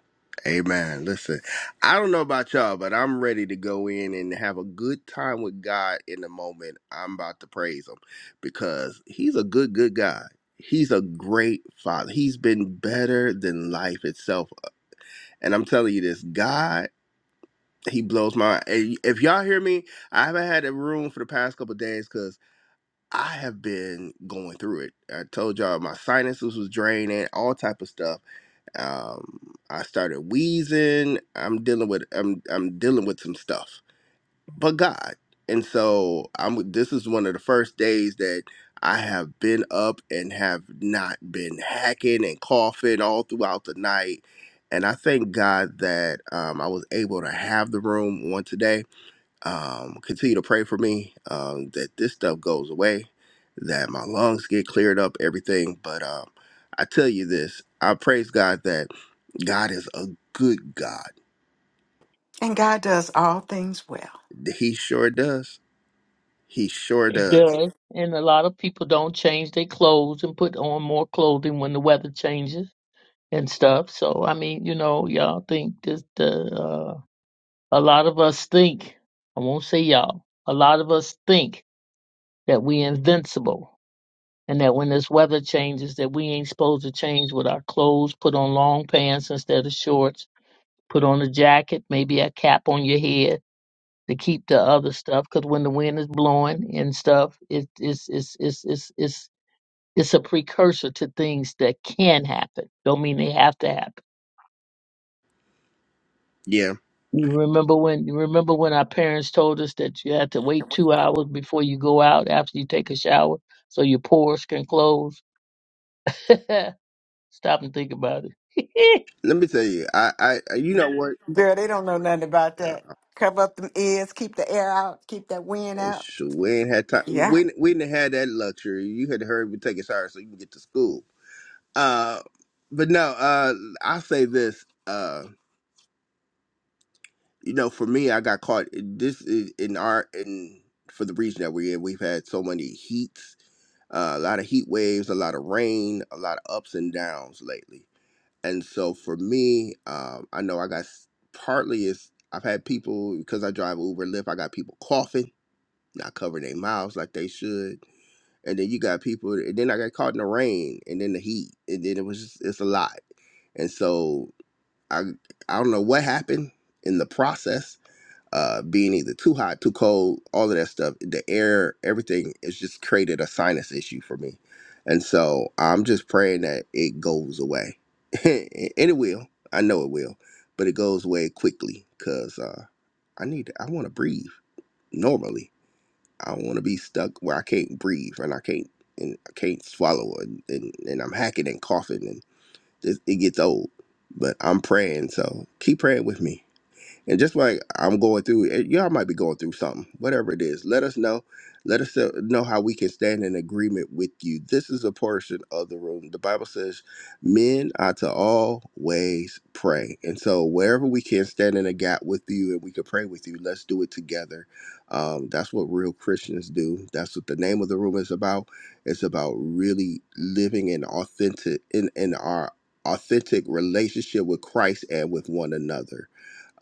Amen. Listen, I don't know about y'all, but I'm ready to go in and have a good time with God in the moment. I'm about to praise Him because He's a good, good God. He's a great Father. He's been better than life itself. And I'm telling you this, God, He blows my. and If y'all hear me, I haven't had a room for the past couple of days because I have been going through it. I told y'all my sinuses was draining, all type of stuff um, I started wheezing. I'm dealing with I'm I'm dealing with some stuff, but God. And so I'm. This is one of the first days that I have been up and have not been hacking and coughing all throughout the night. And I thank God that um, I was able to have the room on today um, continue to pray for me um, that this stuff goes away, that my lungs get cleared up, everything. But um, I tell you this, I praise God that God is a good God. And God does all things well. He sure does. He sure He does. does. And a lot of people don't change their clothes and put on more clothing when the weather changes and stuff. So, I mean, you know, y'all think that the, uh, a lot of us think, I won't say y'all, a lot of us think that we invincible and that when this weather changes that we ain't supposed to change with our clothes put on long pants instead of shorts put on a jacket maybe a cap on your head to keep the other stuff because when the wind is blowing and stuff it, it's, it's, it's, it's, it's, it's a precursor to things that can happen don't mean they have to happen Yeah. you remember when you remember when our parents told us that you had to wait two hours before you go out after you take a shower so your pores can close stop and think about it Let me tell you, I, I, I- you know what? Girl, they don't know nothing about Uh, that. Cover up them ears, keep the air out, keep that wind If out. we ain't had time, Yeah. we, ain't- we didn't have that luxury. You had to hurry up and take a shower so you can get to school. Uh, but no, uh, I say this. uh, you know, for me, I got caught. This is in our in for the region that we're in. We've had so many heats, uh, a lot of heat waves, a lot of rain, a lot of ups and downs lately. And so for me, um, I know I got s- partly is I've had people because I drive Uber, Lyft. I got people coughing, not covering their mouths like they should. And then you got people, and then I got caught in the rain, and then the heat, and then it was just it's a lot. And so I I don't know what happened in the process, uh, being either too hot, too cold, all of that stuff. The air, everything, it's just created a sinus issue for me, and so I'm just praying that it goes away, and it will. I know it will, but it goes away quickly because uh, I need. I want to breathe normally. I don't want to be stuck where I can't breathe and I can't and I can't swallow and, and, and I'm hacking and coughing just, it gets old. But I'm praying, so keep praying with me. And just like I'm going through, and y'all might be going through something, whatever it is. Let us know. Let us uh, know how we can stand in agreement with you. This is a portion of the room. The Bible says, "Men are to always pray." And so, wherever we can stand in a gap with you, and we can pray with you, let's do it together. Um, that's what real Christians do. That's what the name of the room is about. It's about really living in authentic in in our authentic relationship with Christ and with one another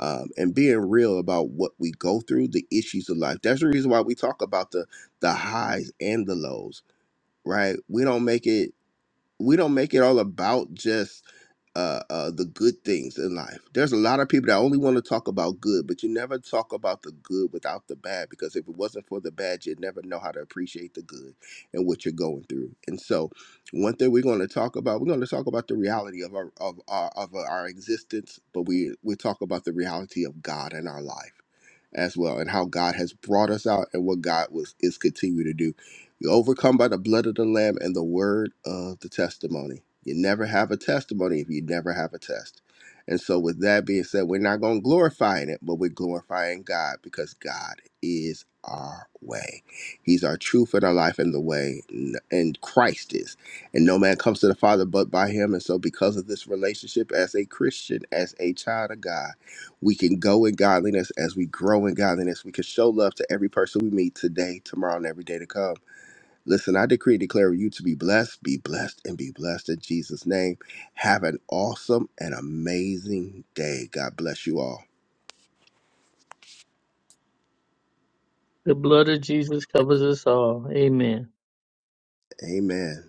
um, and being real about what we go through, the issues of life. That's the reason why we talk about the the highs and the lows, right? We don't make it we don't make it all about just uh, uh, the good things in life. There's a lot of people that only want to talk about good, but you never talk about the good without the bad. Because if it wasn't for the bad, you'd never know how to appreciate the good and what you're going through. And so, one thing we're going to talk about, we're going to talk about the reality of our of our of our existence, but we we talk about the reality of God in our life as well and how God has brought us out and what God was is continuing to do. You overcome by the blood of the Lamb and the word of the testimony. You never have a testimony if you never have a test. And so with that being said, we're not going to glorify it, but we're glorifying God because God is our way. He's our truth and our life and the way, n- and Christ is. And no man comes to the Father but by him. And so because of this relationship as a Christian, as a child of God, we can go in godliness as we grow in godliness. We can show love to every person we meet today, tomorrow, and every day to come. Listen, I decree and declare you to be blessed, be blessed, and be blessed in Jesus' name. Have an awesome and amazing day. God bless you all. The blood of Jesus covers us all. Amen. Amen.